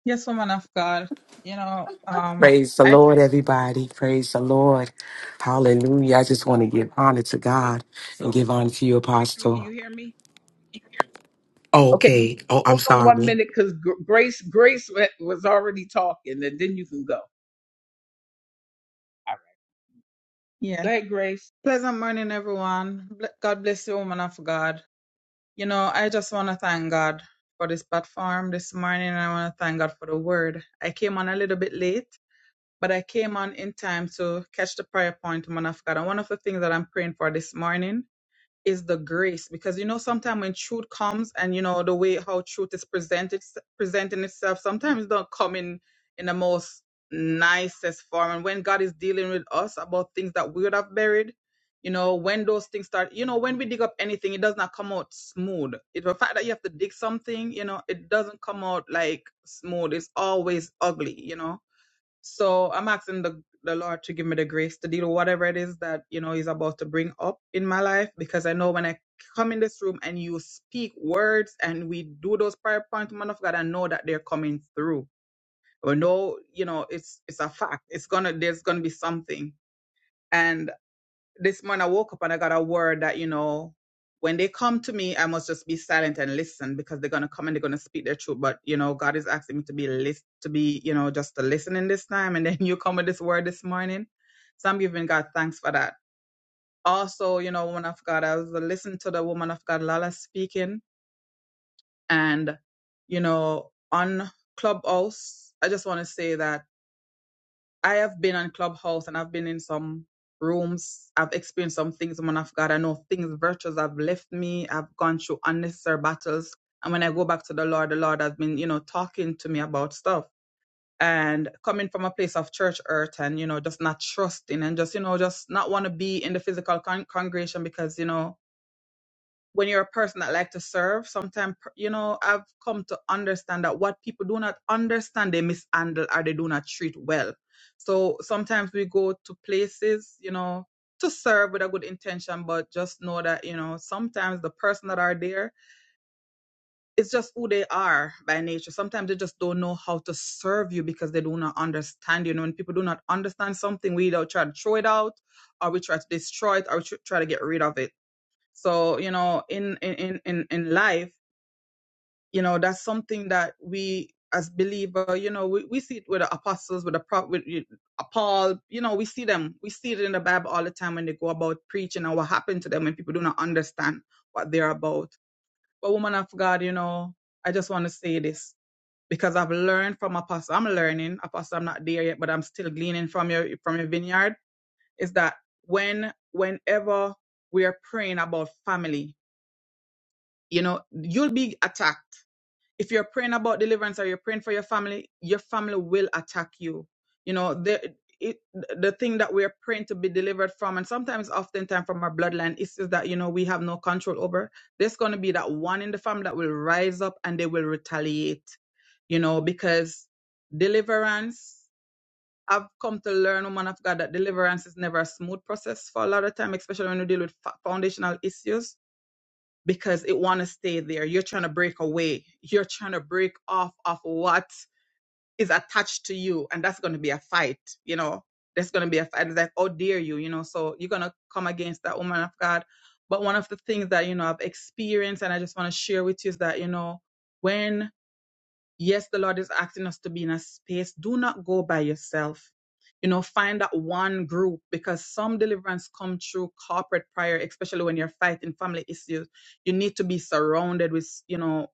I: Yes, woman of God. You know, um,
J: Praise the
I: I
J: Lord, everybody. Praise the Lord. Hallelujah. I just want to give honor to God and give honor to you, Apostle. Okay. Oh, I'm sorry.
I: yes. Pleasant morning, everyone. Ble- God bless you, woman of God. You know, I just want to thank God for this platform this morning, and I want to thank God for the word. I came on a little bit late, but I came on in time to catch the prayer point, woman of God. And one of the things that I'm praying for this morning is the grace because you know sometimes when truth comes and you know the way how truth is presented presenting itself sometimes it don't come in in the most nicest form and when god is dealing with us about things that we would have buried you know when those things start you know when we dig up anything it does not come out smooth it the fact that you have to dig something you know it doesn't come out like smooth it's always ugly you know so I'm asking the, the Lord to give me the grace to deal with whatever it is that, you know, He's about to bring up in my life because I know when I come in this room and you speak words and we do those prayer points, man of God, I know that they're coming through. I know, you know, it's it's a fact. It's gonna there's gonna be something. and this morning I woke up and I got a word that, you know, when they come to me, I must just be silent and listen because they're gonna come and they're gonna speak their truth. But you know, God is asking me to be list to be, you know, just to listen in this time. And then you come with this word this morning. So I'm giving God thanks for that. Also, you know, woman of God, I was listening to the woman of God Lala speaking and you know, on Clubhouse, I just wanna say that. I have been on Clubhouse and I've been in some rooms. I've experienced some things, man of God. I know things, virtues have left me. I've gone through unnecessary battles. And when I go back to the Lord, the Lord has been, you know, talking to me about stuff. And coming from a place of church earth and, you know, just not trusting and just, you know, just not want to be in the physical con- congregation because, you know, when you're a person that like to serve sometimes you know i've come to understand that what people do not understand they mishandle or they do not treat well so sometimes we go to places you know to serve with a good intention but just know that you know sometimes the person that are there it's just who they are by nature sometimes they just don't know how to serve you because they do not understand you know when people do not understand something we either try to throw it out or we try to destroy it or we tr- try to get rid of it so, you know, in in in in life, you know, that's something that we as believer, you know, we, we see it with the apostles, with the prop, with you- uh, Paul, you know, we see them, we see it in the Bible all the time when they go about preaching and what happened to them when people do not understand what they're about. But woman of God, you know, I just want to say this because I've learned from apostle. I'm learning, apostle. I'm not there yet, but I'm still gleaning from your from your vineyard. Is that when whenever we are praying about family, You know, you'll be attacked. If you're praying about deliverance or you're praying for your family, your family will attack you. You know, the it, the thing that we're praying to be delivered from, and sometimes oftentimes from our bloodline, is is that you know we have no control over. There's gonna be that one in the family that will rise up and they will retaliate, you know, because deliverance. I've come to learn, woman of God, that deliverance is never a smooth process for a lot of time, especially when you deal with fa- foundational issues because it want to stay there. You're trying to break away. You're trying to break off of what is attached to you, and that's going to be a fight. You know, that's going to be a fight. It's like, oh dear, you, you know, so you're going to come against that woman of God. But one of the things that you know I've experienced, and I just want to share with you is that you know when Yes, the Lord is asking us to be in a space. Do not go by yourself. You know, find that one group because some deliverance come through corporate prayer, especially when you're fighting family issues. You need to be surrounded with, you know,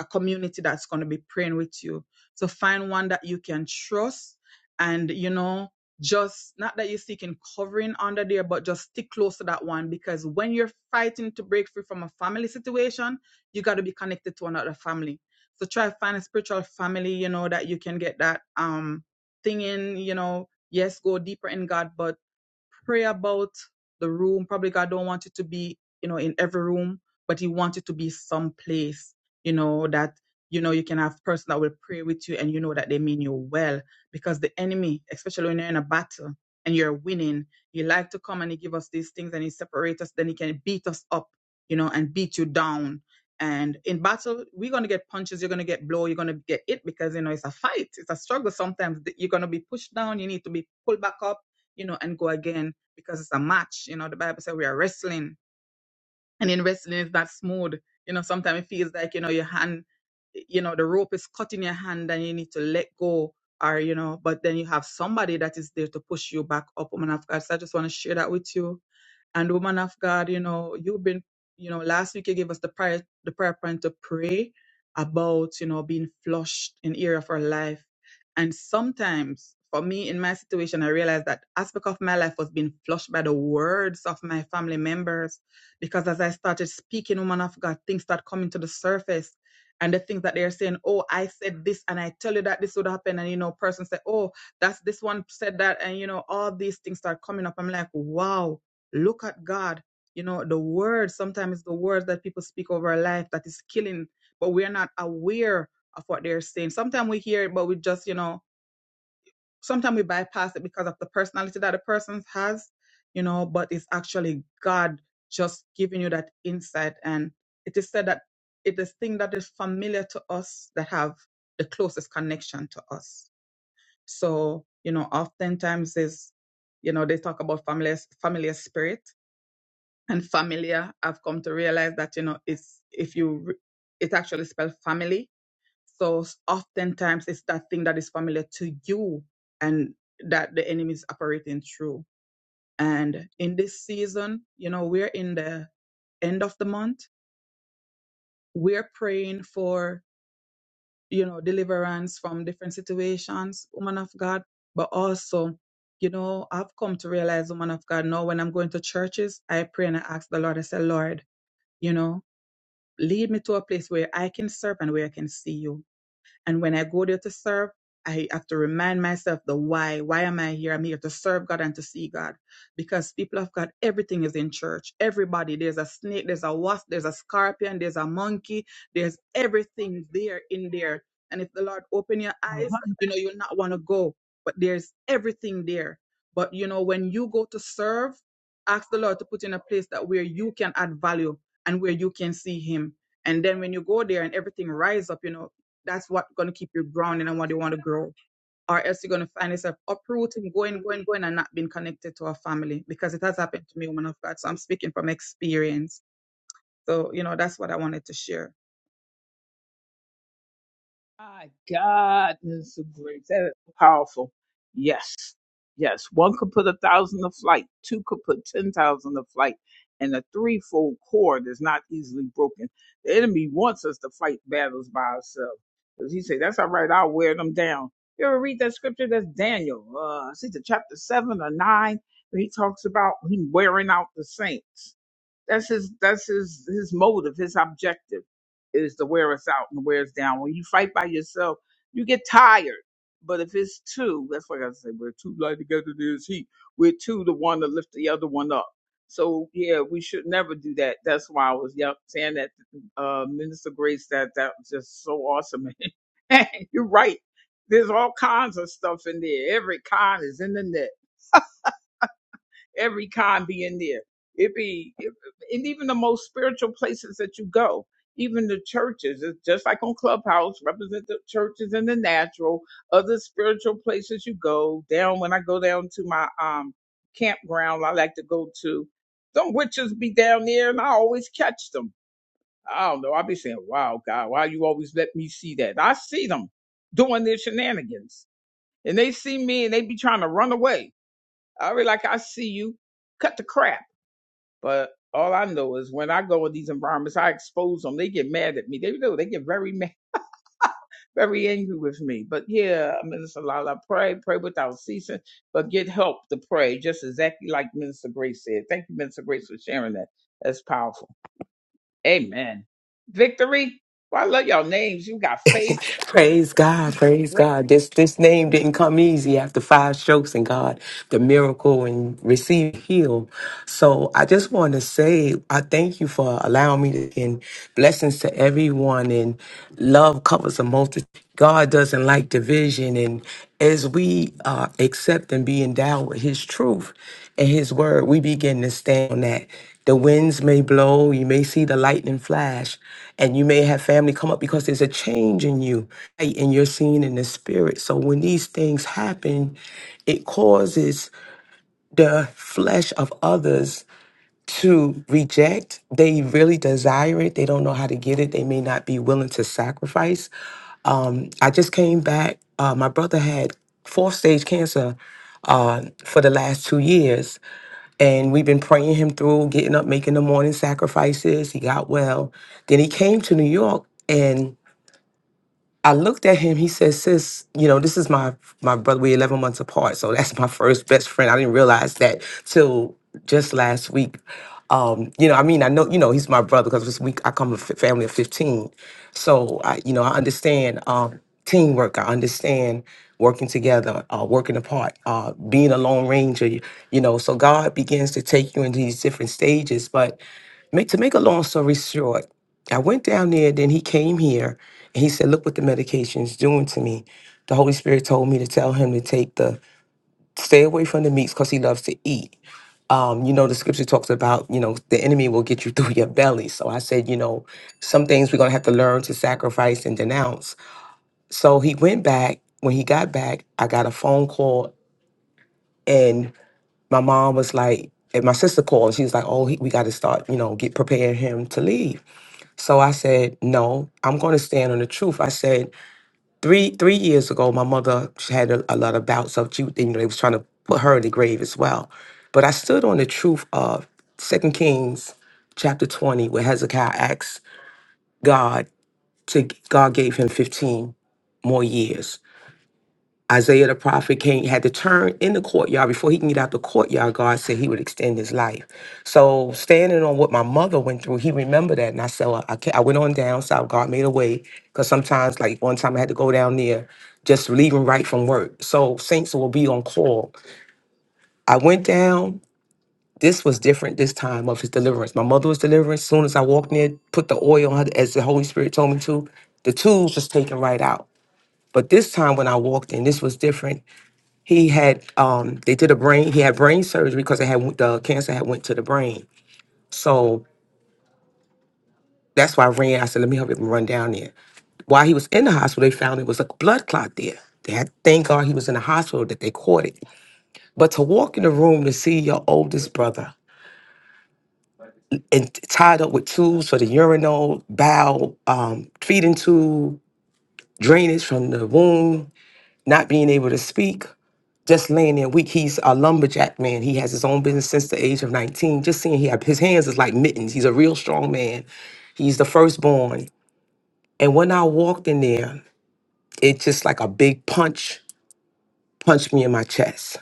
I: a community that's going to be praying with you. So find one that you can trust and, you know, just not that you're seeking covering under there, but just stick close to that one because when you're fighting to break free from a family situation, you got to be connected to another family so try to find a spiritual family, you know, that you can get that um thing in, you know. Yes, go deeper in God, but pray about the room. Probably God don't want it to be, you know, in every room, but He wants it to be someplace, you know, that you know you can have person that will pray with you and you know that they mean you well. Because the enemy, especially when you're in a battle and you're winning, you like to come and he give us these things and he separate us, then he can beat us up, you know, and beat you down. And in battle, we're gonna get punches, you're gonna get blow, you're gonna get it because you know it's a fight, it's a struggle. Sometimes th- you're gonna be pushed down, you need to be pulled back up you know, and go again because it's a match. You know, the Bible says we are wrestling, and in wrestling, it's not smooth. You know, sometimes it feels like you know your hand, you know, the rope is caught in your hand, and you need to let go, or you know, but then you have somebody that is there to push you back up, woman of God. So I just want to share that with you and woman of God, you know, you've been, you know, last week you gave us the prayer, the prayer point to pray about, you know, being flushed in area of our life. And sometimes for me in my situation, I realized that aspect of my life was being flushed by the words of my family members. Because as I started speaking, woman of God, things start coming to the surface. And the things that they're saying, oh, I said this and I tell you that this would happen. And, you know, person said, oh, that's this one said that. And, you know, all these things start coming up. I'm like, wow Look at God. You know, the words, sometimes it's the words that people speak over our life that is killing, but we're not aware of what they're saying. Sometimes we hear it, but we just, you know, sometimes we bypass it because of the personality that a person has, you know, but it's actually God just giving you that insight. And it is said that it is thing that is familiar to us that have the closest connection to us. So, you know, oftentimes is, you know, they talk about familiar, familiar spirit and familiar i've come to realize that you know it's if you re- it actually spells family so s- oftentimes it's that thing that is familiar to you and that the enemy is operating through and in this season you know we're in the end of the month we're praying for you know deliverance from different situations woman of god but also you know i've come to realize woman of god now when i'm going to churches i pray and i ask the lord i say lord you know Lead me to a place where I can serve and where I can see you. And when I go there to serve, I have to remind myself the why. Why am I here? I'm here to serve God and to see God. Because people of God, everything is in church. Everybody, there's a snake, there's a wasp, there's a scorpion, there's a monkey, there's everything there in there. And if the Lord open your eyes, you know, you'll not want to go. But there's everything there. But you know, when you go to serve, ask the Lord to put in a place that where you can add value and where you can see Him. And then when you go there and everything rise up, you know, that's what gonna keep you grounded and what you want to grow. Or else you're gonna find yourself uprooting, going, going, going, and not being connected to a family because it has happened to me, woman of God. So I'm speaking from experience. So you know that's what I wanted to share.
J: praise God. Praise God. This this name didn't come easy after five strokes and God, the miracle and receive heal. So I just want to say I thank you for allowing me to and blessings to everyone and love covers a multitude. God doesn't like division and as we uh, accept and be endowed with his truth and his word, we begin to stand on that. The winds may blow, you may see the lightning flash, and you may have family come up because there's a change in you right? and you're seen in the spirit. So when these things happen, it causes the flesh of others to reject. They really desire it. They don't know how to get it. They may not be willing to sacrifice. Um, I just came back. Uh, my brother had fourth stage cancer uh, for the last two years. And we've been praying him through, getting up, making the morning sacrifices. He got well. Then he came to New York and. I looked at him. He said, "Sis, you know this is my my brother. We're eleven months apart, so that's my first best friend. I didn't realize that till just last week. Um, you know, I mean, I know you know he's my brother because this week I come from a f- family of fifteen, so I you know I understand um, teamwork. I understand working together, uh, working apart, uh, being a lone ranger. You, you know, so God begins to take you into these different stages. But make, to make a long story short." I went down there, then he came here and he said, Look what the medication's doing to me. The Holy Spirit told me to tell him to take the stay away from the meats because he loves to eat. Um, you know, the scripture talks about, you know, the enemy will get you through your belly. So I said, you know, some things we're gonna have to learn to sacrifice and denounce. So he went back. When he got back, I got a phone call and my mom was like, and my sister called and she was like, Oh, he, we gotta start, you know, get prepare him to leave. So I said, no, I'm going to stand on the truth. I said, three three years ago, my mother she had a, a lot of bouts of, she, you know, they was trying to put her in the grave as well. But I stood on the truth of Second Kings chapter 20, where Hezekiah asked God to, God gave him 15 more years. Isaiah the prophet came had to turn in the courtyard before he can get out the courtyard. God said he would extend his life. So standing on what my mother went through, he remembered that, and I said well, I, ca- I went on down south. God made a way because sometimes, like one time, I had to go down there just leaving right from work. So saints will be on call. I went down. This was different this time of his deliverance. My mother was delivering. As soon as I walked near, put the oil on her as the Holy Spirit told me to. The tools was taken right out. But this time when I walked in, this was different. He had um they did a brain he had brain surgery because it had the cancer had went to the brain. So that's why I ran. I said, let me help him run down there. While he was in the hospital, they found it was a blood clot there. They had thank God he was in the hospital that they caught it. But to walk in the room to see your oldest brother and t- tied up with tubes for the urinal, bowel, um, feeding tube, drainage from the womb, not being able to speak. just laying there weak. He's a lumberjack man. He has his own business since the age of 19. Just seeing he have his hands is like mittens. He's a real strong man. He's the firstborn. And when I walked in there, it just like a big punch punched me in my chest.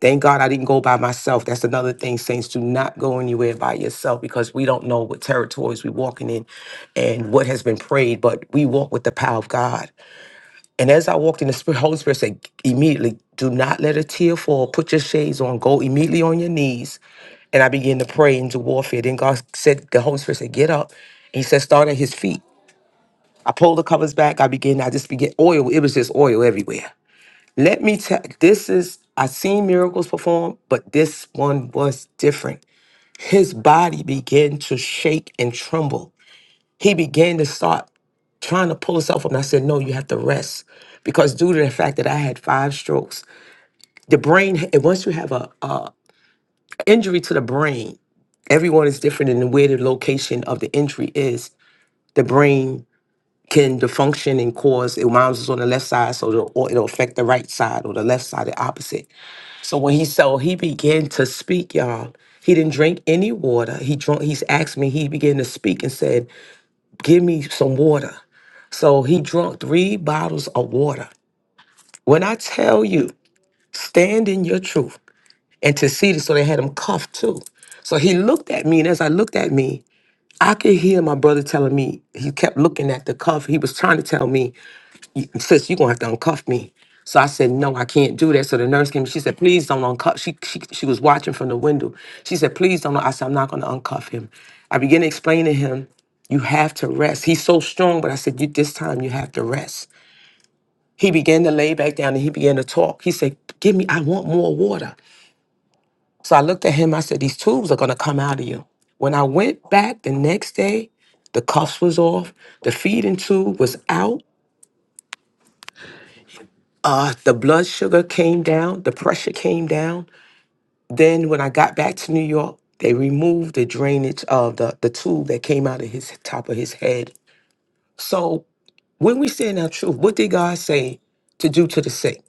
J: Thank God I didn't go by myself. That's another thing, saints. Do not go anywhere by yourself because we don't know what territories we're walking in and what has been prayed, but we walk with the power of God. And as I walked in, the Spirit, Holy Spirit said, immediately, do not let a tear fall. Put your shades on. Go immediately on your knees. And I began to pray into warfare. Then God said, the Holy Spirit said, get up. And he said, start at his feet. I pulled the covers back. I began, I just began oil. It was just oil everywhere. Let me tell this is, I've seen miracles performed, but this one was different. His body began to shake and tremble. He began to start trying to pull us off. And I said, no, you have to rest because due to the fact that I had five strokes, the brain. And once you have a, a injury to the brain, everyone is different in where the location of the injury is. The brain can dysfunction and cause it mounds on the left side, so the, or it'll affect the right side or the left side, the opposite. So when he so he began to speak, y'all. He didn't drink any water. He drunk. He's asked me. He began to speak and said, "Give me some water." So he drunk three bottles of water. When I tell you, stand in your truth. And to see this, so they had him cuffed too. So he looked at me, and as I looked at me, I could hear my brother telling me, he kept looking at the cuff. He was trying to tell me, sis, you're gonna have to uncuff me. So I said, no, I can't do that. So the nurse came, she said, please don't uncuff. She, she, she was watching from the window. She said, please don't. I said, I'm not gonna uncuff him. I began to explain to him, you have to rest. He's so strong, but I said, you, this time you have to rest. He began to lay back down and he began to talk. He said, Give me, I want more water. So I looked at him. I said, These tubes are going to come out of you. When I went back the next day, the cuffs was off, the feeding tube was out, uh, the blood sugar came down, the pressure came down. Then when I got back to New York, they removed the drainage of the, the tube that came out of his top of his head. So when we stand our truth, what did God say to do to the sick?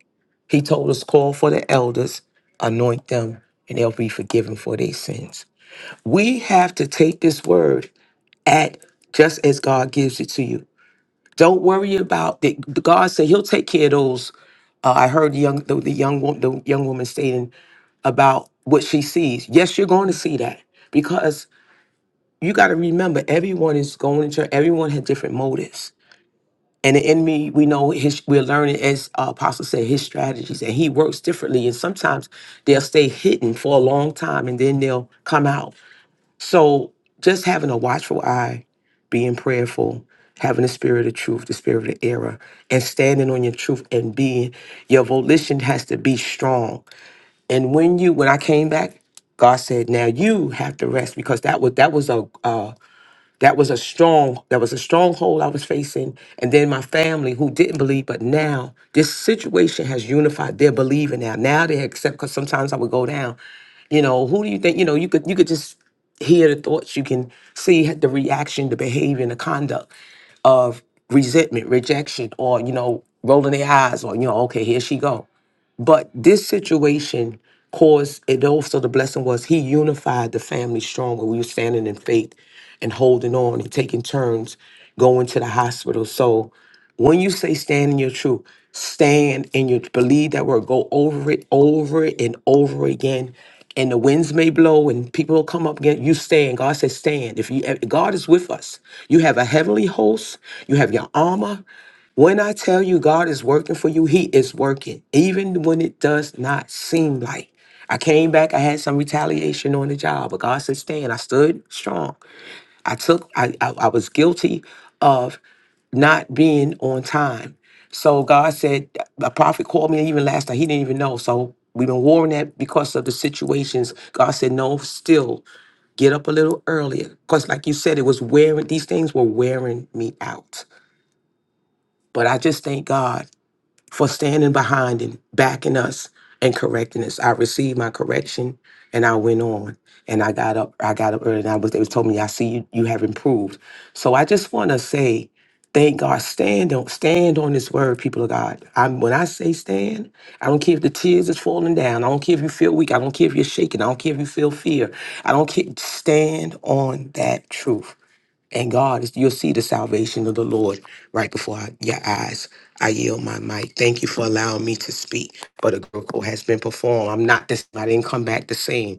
J: He told us, call for the elders, anoint them, and they'll be forgiven for their sins. We have to take this word at just as God gives it to you. Don't worry about that. God said He'll take care of those. Uh, I heard the young the, the young wo- the young woman stating about what she sees. Yes, you're going to see that because you got to remember everyone is going to church. Everyone had different motives and the enemy, we know his, we're learning, as uh, Apostle said, his strategies, and he works differently. And sometimes they'll stay hidden for a long time and then they'll come out. So just having a watchful eye, being prayerful, having the spirit of truth, the spirit of error, and standing on your truth and being, your volition has to be strong. And when you, when I came back, God said, now you have to rest because that was, that was a, that was a strong that was a stronghold i was facing and then my family who didn't believe but now this situation has unified they're believing now now they accept because sometimes i would go down you know who do you think you know you could you could just hear the thoughts you can see the reaction the behavior the conduct of resentment rejection or you know rolling their eyes or you know okay here she go but this situation caused it also the blessing was he unified the family stronger. We were standing in faith and holding on and taking turns going to the hospital. So when you say stand in your truth, stand in your believe that word, go over it, over it, and over again. And the winds may blow and people will come up again. You stand. God says, stand. If you if God is with us, you have a heavenly host, you have your armor. When I tell you God is working for you, He is working, even when it does not seem like. I came back, I had some retaliation on the job, but God said, Stand. I stood strong. I took, I, I, I was guilty of not being on time. So God said, A prophet called me even last night. He didn't even know. So we've been warring that because of the situations. God said, No, still get up a little earlier. Because, like you said, it was wearing, these things were wearing me out. But I just thank God for standing behind and backing us and correcting us. I received my correction and I went on and I got up, I got up early and I was, they was told me, I see you, you have improved. So I just want to say, thank God, stand on, stand on this word, people of God. i when I say stand, I don't care if the tears is falling down. I don't care if you feel weak. I don't care if you're shaking. I don't care if you feel fear. I don't care. Stand on that truth. And God, you'll see the salvation of the Lord right before your eyes. I yield my mic. Thank you for allowing me to speak. But a miracle has been performed. I'm not this. I didn't come back the same.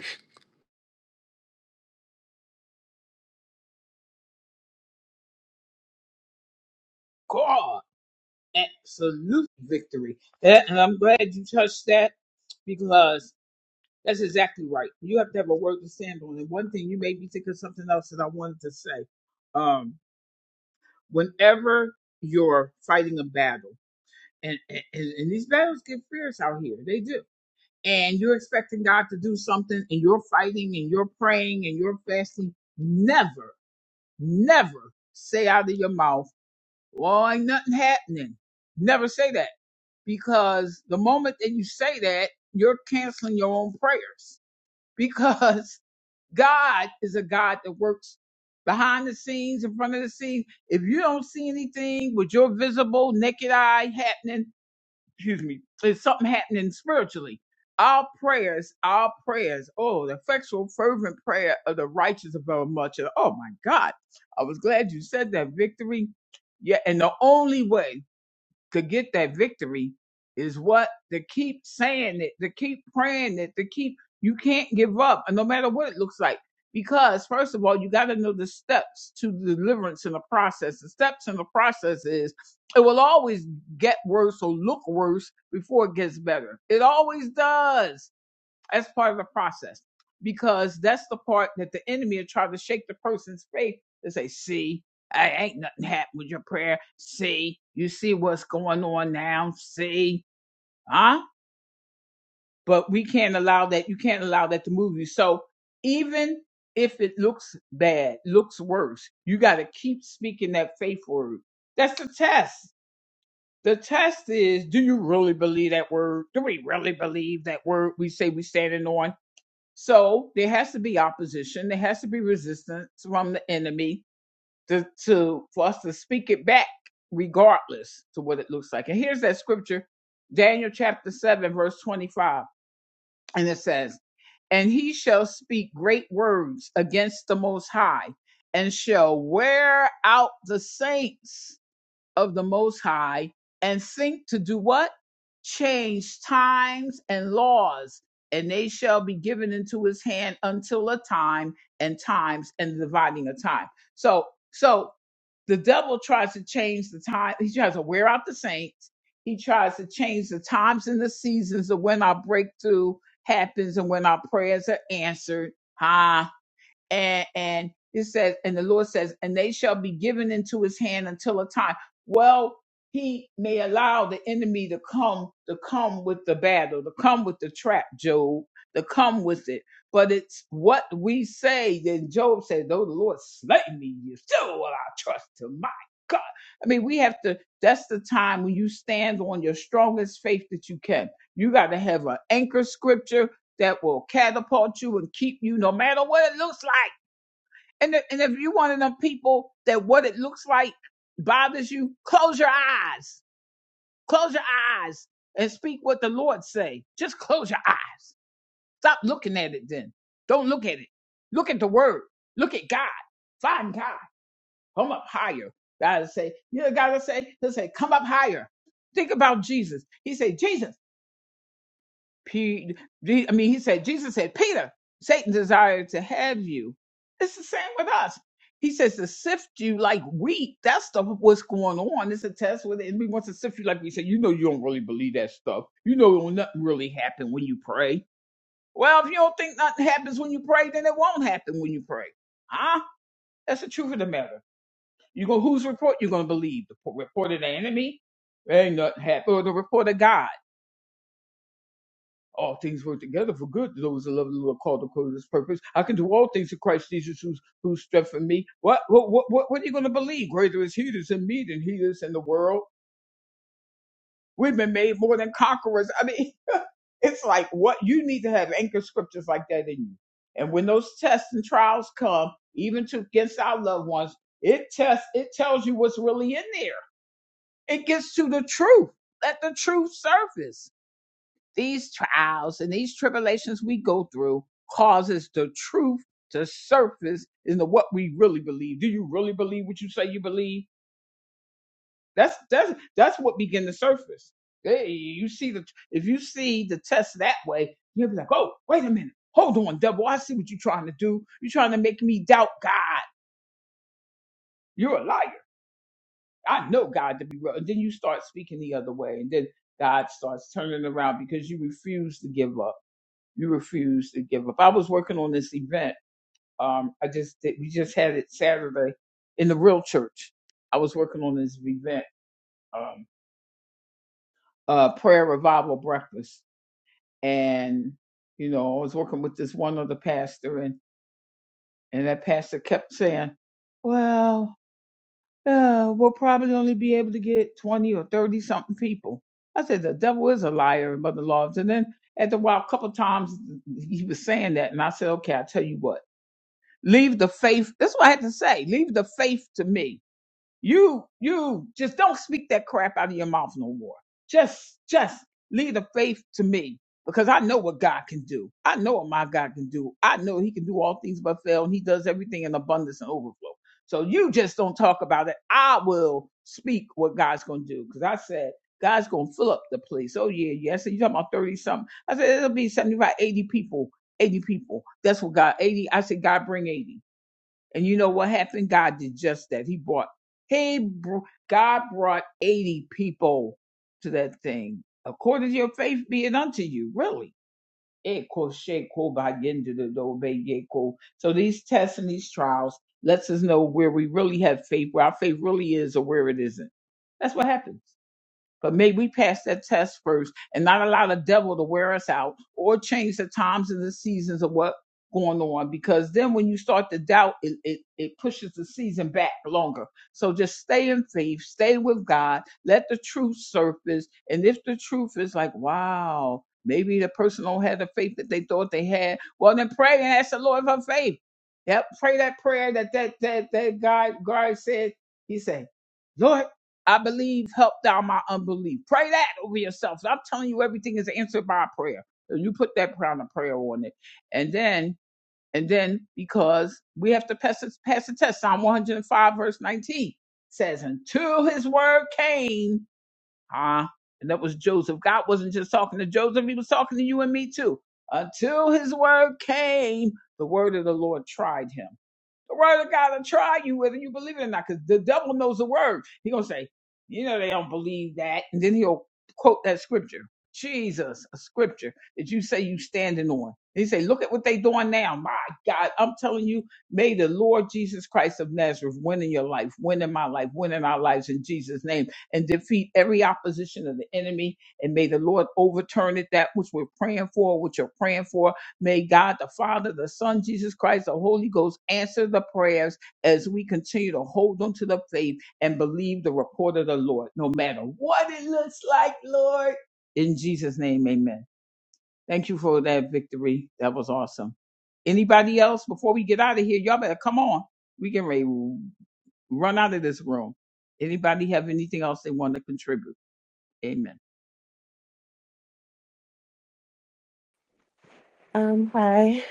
H: Um, hi.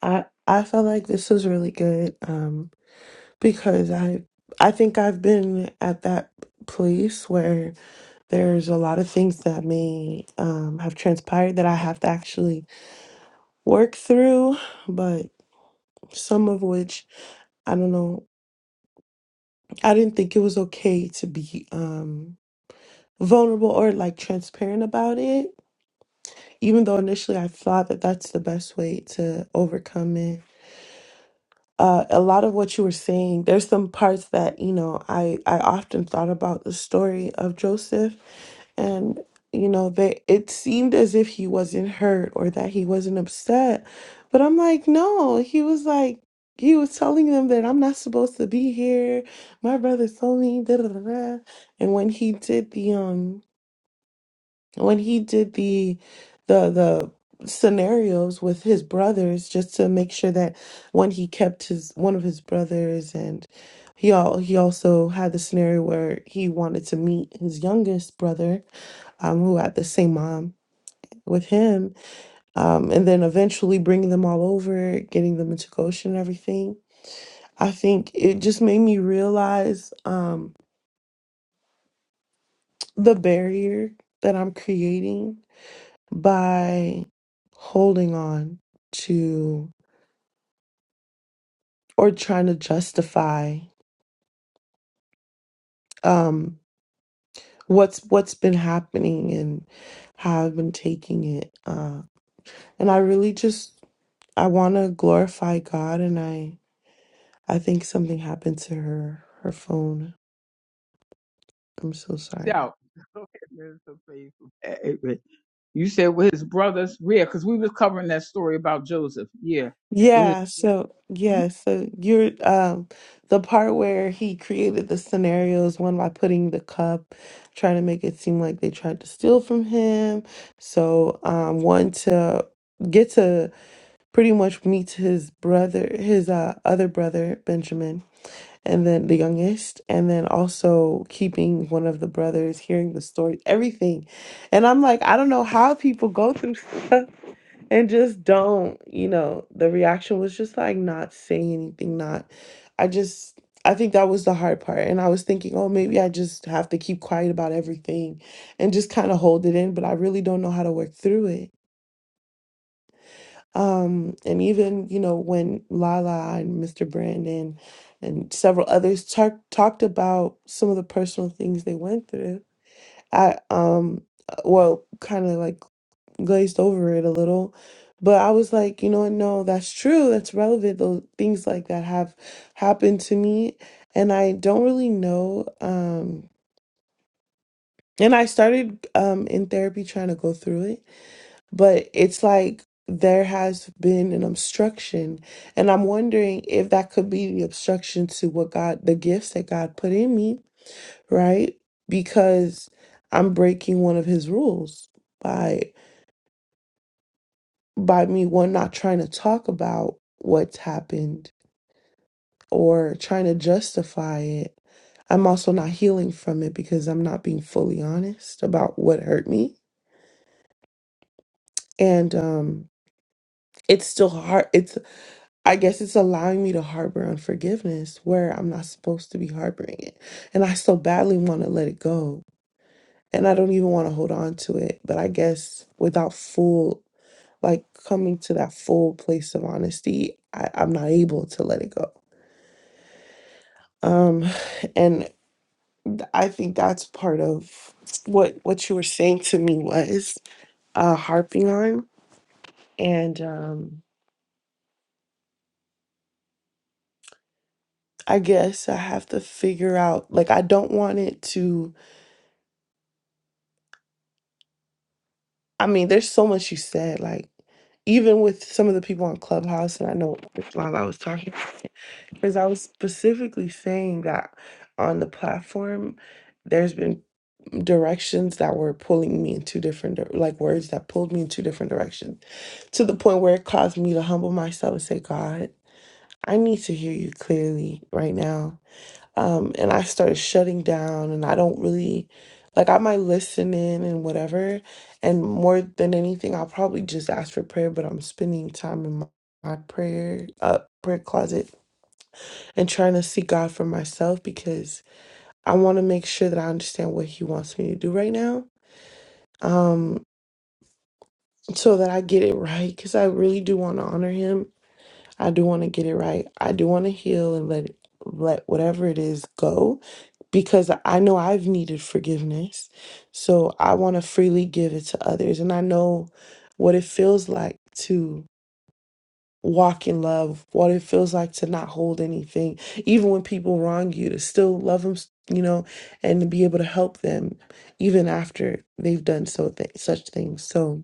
H: I I felt like this was really good, um, because I I think I've been at that place where there's a lot of things that may um have transpired that I have to actually work through, but some of which I don't know. I didn't think it was okay to be um vulnerable or like transparent about it, even though initially I thought that that's the best way to overcome it uh, a lot of what you were saying there's some parts that you know i i often thought about the story of joseph and you know they it seemed as if he wasn't hurt or that he wasn't upset but i'm like no he was like he was telling them that i'm not supposed to be here my brother told me da, da, da, da. and when he did the um when he did the the the scenarios with his brothers just to make sure that when he kept his one of his brothers and he all he also had the scenario where he wanted to meet his youngest brother um who had the same mom with him um and then eventually bringing them all over getting them into Goshen and everything I think it just made me realize um the barrier that I'm creating by holding on to or trying to justify um what's what's been happening and how I've been taking it uh and I really just I want to glorify God and I I think something happened to her her phone I'm so sorry Yeah, so yeah, so you're um the part where he created the scenarios one by putting the cup, trying to make it seem like they tried to steal from him. So um one to get to pretty much meet his brother his uh other brother, Benjamin, and then the youngest, and then also keeping one of the brothers, hearing the story, everything. And I'm like, I don't know how people go through stuff and just don't you know the reaction was just like not saying anything not i just i think that was the hard part and i was thinking oh maybe i just have to keep quiet about everything and just kind of hold it in but i really don't know how to work through it um and even you know when lala and mr brandon and several others talk, talked about some of the personal things they went through i um uh, well kind of like glazed over it a little. But I was like, you know what? No, that's true. That's relevant. Those things like that have happened to me. And I don't really know. Um, and I started um, in therapy trying to go through it. But it's like there has been an obstruction. And I'm wondering if that could be the obstruction to what God, the gifts that God put in me, right? Because I'm breaking one of his rules by. by me one not trying to talk about what's happened or trying to justify it i'm also not healing from it because i'm not being fully honest about what hurt me and um it's still hard it's i guess it's allowing me to harbor unforgiveness where i'm not supposed to be harboring it and i so badly want to let it go and i don't even want to hold on to it but i guess without full like coming to that full place of honesty I, i'm not able to let it go Um, and I think that's part of what what you were saying to me was uh, harping on, and um, I guess I have to figure out. Like, I don't want it to. I mean, there's so much you said. Like, even with some of the people on Clubhouse, and I know while I was talking, because I was specifically saying that on the platform, there's been directions that were pulling me in two different dir- like words that pulled me in two different directions to the point where it caused me to humble myself and say god i need to hear you clearly right now um and i started shutting down and i don't really like i might listen in and whatever and more than anything i'll probably just ask for prayer but i'm spending time in my, my prayer uh prayer closet and trying to seek god for myself because i want to make sure that i understand what he wants me to do right now um, so that I get it right because I really do want to honor him. I do want to get it right. I do want to heal and let let whatever it is go because I know I've needed forgiveness. So I want to freely give it to others. And I know what it feels like to walk in love, what it feels like to not hold anything, even when people wrong you, to still love them, you know, and to be able to help them even after they've done so th- such things. So,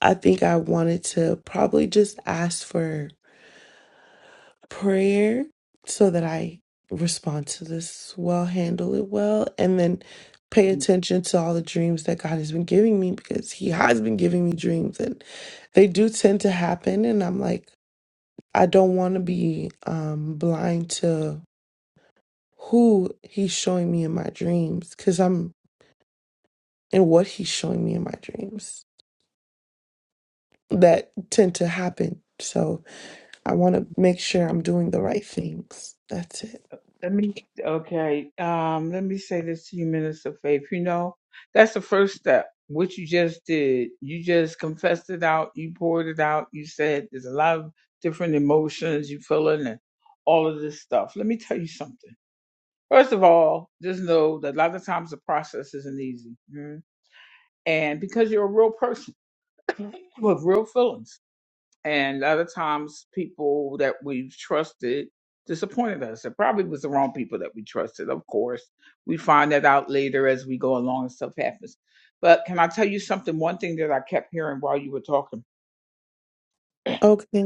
H: I think I wanted to probably just ask for prayer so that I respond to this well, handle it well, and then pay attention to all the dreams that God has been giving me because He has been giving me dreams and they do tend to happen. And I'm like, I don't want to be um, blind to who He's showing me in my dreams because I'm and what He's showing me in my dreams that tend to happen. So, I want to make sure I'm doing the right things. That's it. Okay.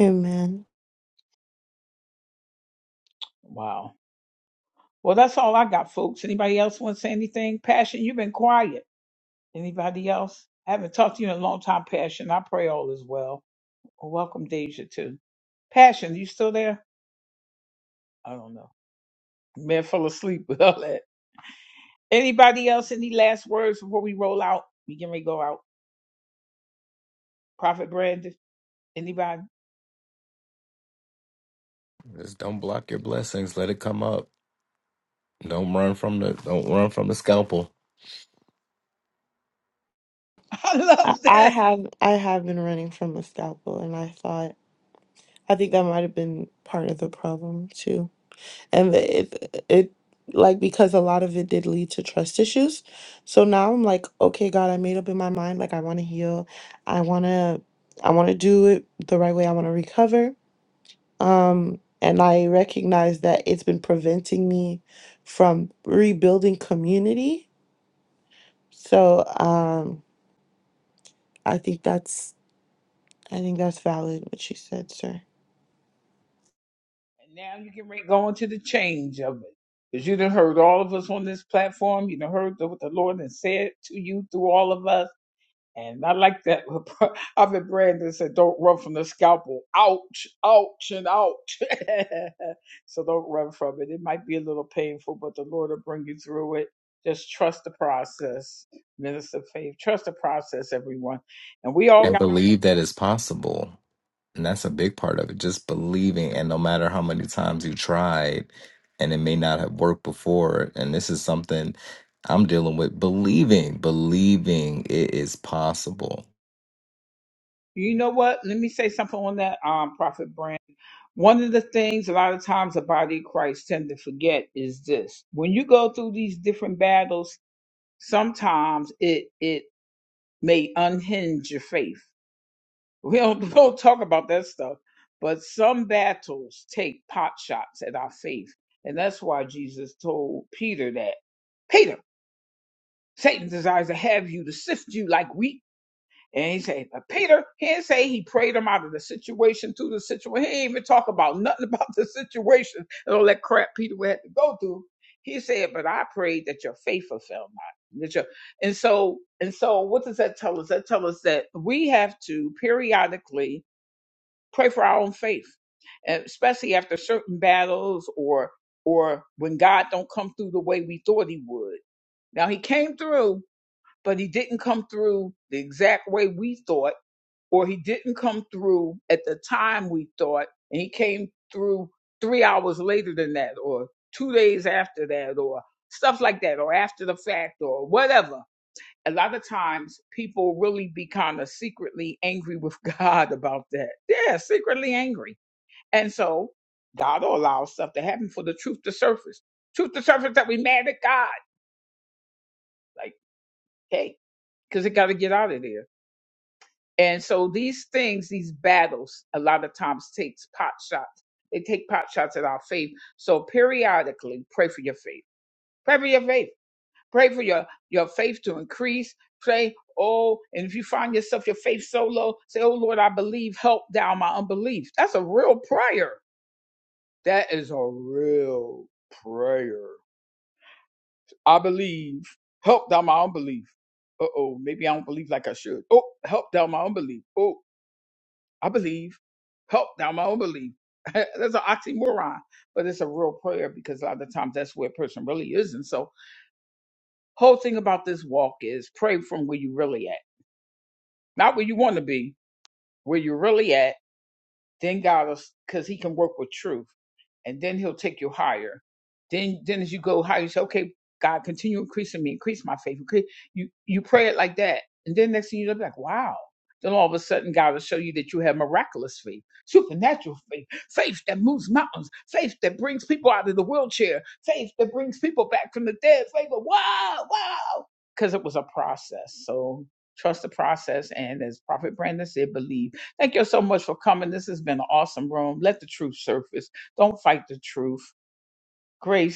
H: Amen.
E: Just don't block your blessings. Let it come up. Don't run from the don't run from the scalpel
H: I, I have I have been running from a scalpel and I thought I think that might have been part of the problem too. and it it like because a lot of it did lead to trust issues so now i'm like okay god i made up in my mind like i want to heal i want to i want to do it the right way i want to recover um and i recognize that it's been preventing me from rebuilding community so um i think that's i think that's valid what she said sir
E: and believe that it's possible. And that's a big part of it. Just believing and no matter how many times you tried and it may not have worked before. And this is something I'm dealing with. Believing, believing it is possible.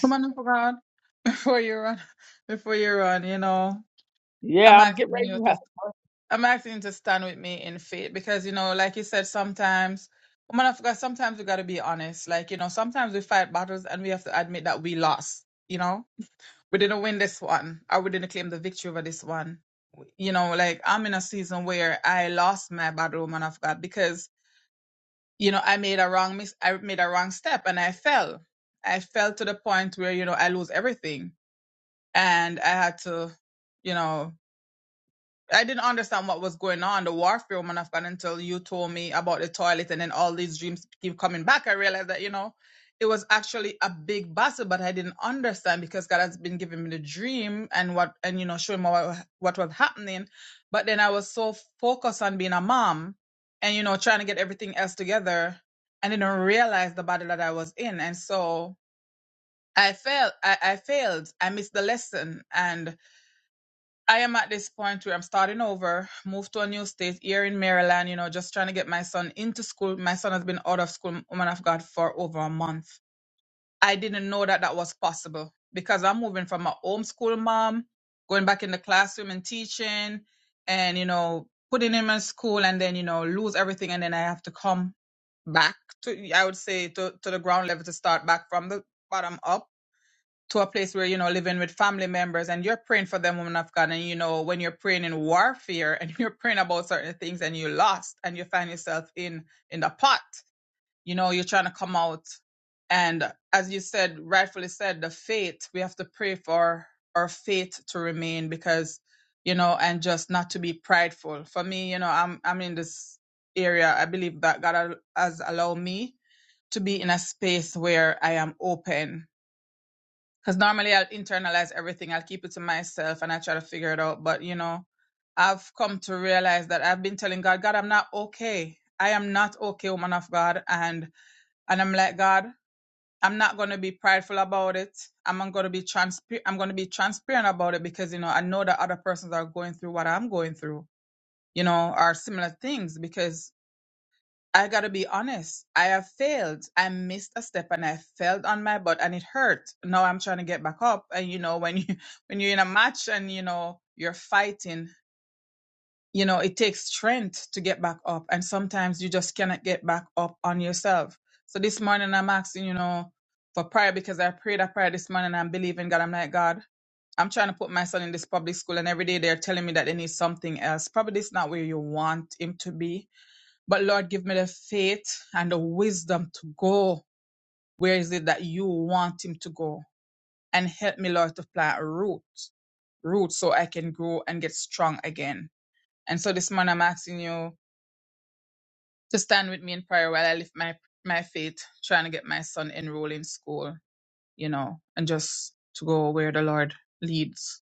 I: Woman of God, before you run, before you run, you know, I'm asking you to I'm asking you to stand with me in faith because you know, like you said, sometimes woman of God, sometimes we gotta be honest. Like, you know, sometimes we fight battles and we have to admit that we lost, you know? We didn't win this one or we didn't claim the victory over this one. You know, like I'm in a season where I lost my battle, woman of God, because you know, I made a wrong mis I made a wrong step and I fell. I fell to the point where, you know, I lose everything. And I had to, you know, I didn't understand what was going on, the warfare woman Afghan until you told me about the toilet and then all these dreams keep coming back. I realized that, you know, it was actually a big battle, but I didn't understand because God has been giving me the dream and what and you know, showing me what, what was happening. But then I was so focused on being a mom and you know, trying to get everything else together and didn't realize the battle that I was in. And so I failed I, I failed. I missed the lesson and I am at this point where I'm starting over, moved to a new state here in Maryland, you know, just trying to get my son into school. My son has been out of school, woman of God, for over a month. I didn't know that that was possible because I'm moving from a homeschool mom, going back in the classroom and teaching and, you know, putting him in school and then, you know, lose everything. And then I have to come back to, I would say, to, to the ground level to start back from the bottom up to a place where you know living with family members and you're praying for them woman of god and you know when you're praying in warfare and you're praying about certain things and you lost and you find yourself in in the pot you know you're trying to come out and as you said rightfully said the faith we have to pray for our faith to remain because you know and just not to be prideful for me you know i'm i'm in this area i believe that god has allowed me to be in a space where i am open because normally I'll internalize everything, I'll keep it to myself and I try to figure it out. But, you know, I've come to realize that I've been telling God, God, I'm not okay. I am not okay, woman of God. And and I'm like, God, I'm not gonna be prideful about it. I'm gonna be transparent I'm gonna be transparent about it because you know I know that other persons are going through what I'm going through, you know, are similar things because. I gotta be honest. I have failed. I missed a step and I fell on my butt and it hurt. Now I'm trying to get back up. And you know, when you when you're in a match and you know you're fighting, you know, it takes strength to get back up. And sometimes you just cannot get back up on yourself. So this morning I'm asking, you know, for prayer because I prayed a prayer this morning and I'm believing God. I'm like, God, I'm trying to put my son in this public school and every day they're telling me that they need something else. Probably this not where you want him to be but Lord, give me the faith and the wisdom to go. Where is it that you want him to go? And help me, Lord, to plant roots, roots so I can grow and get strong again. And so this morning I'm asking you to stand with me in prayer while I lift my, my faith, trying to get my son enrolled in school, you know, and just to go where the Lord leads.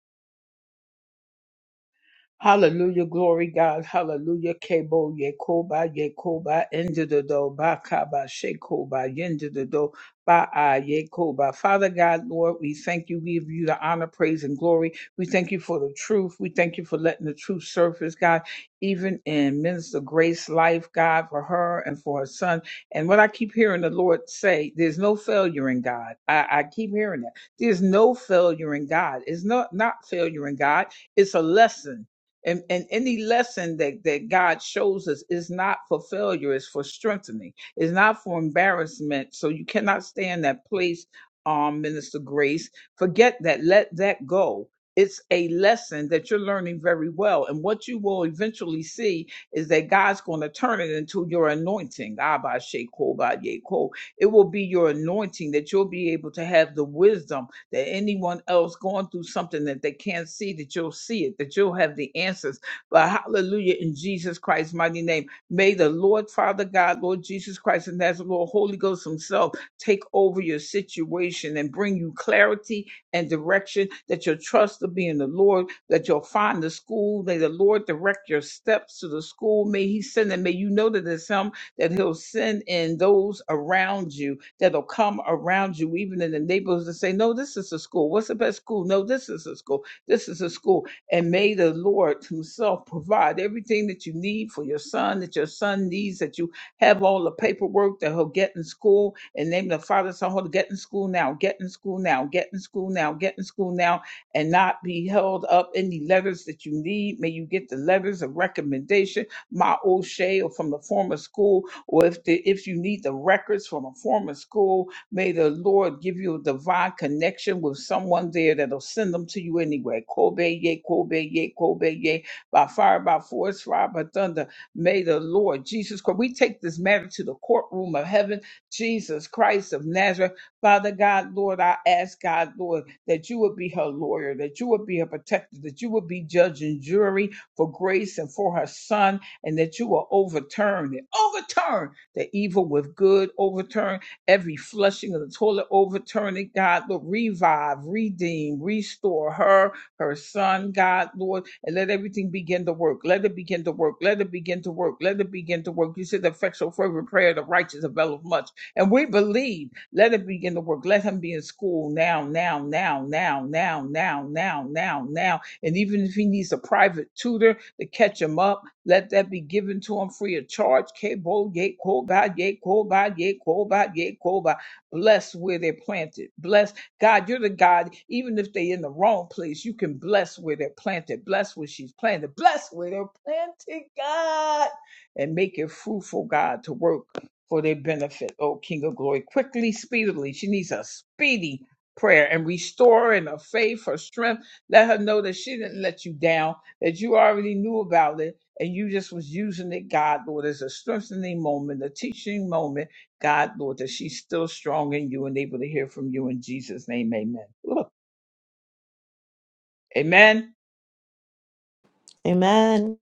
H: amen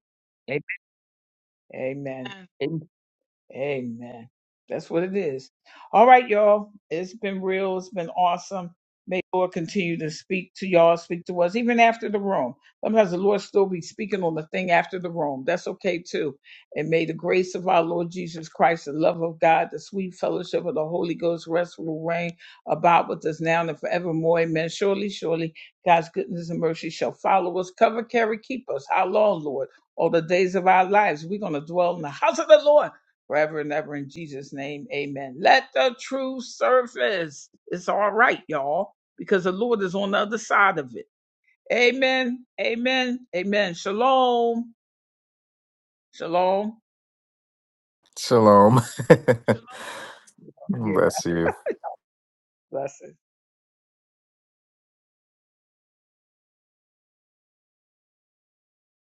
E: Shalom. Bless you.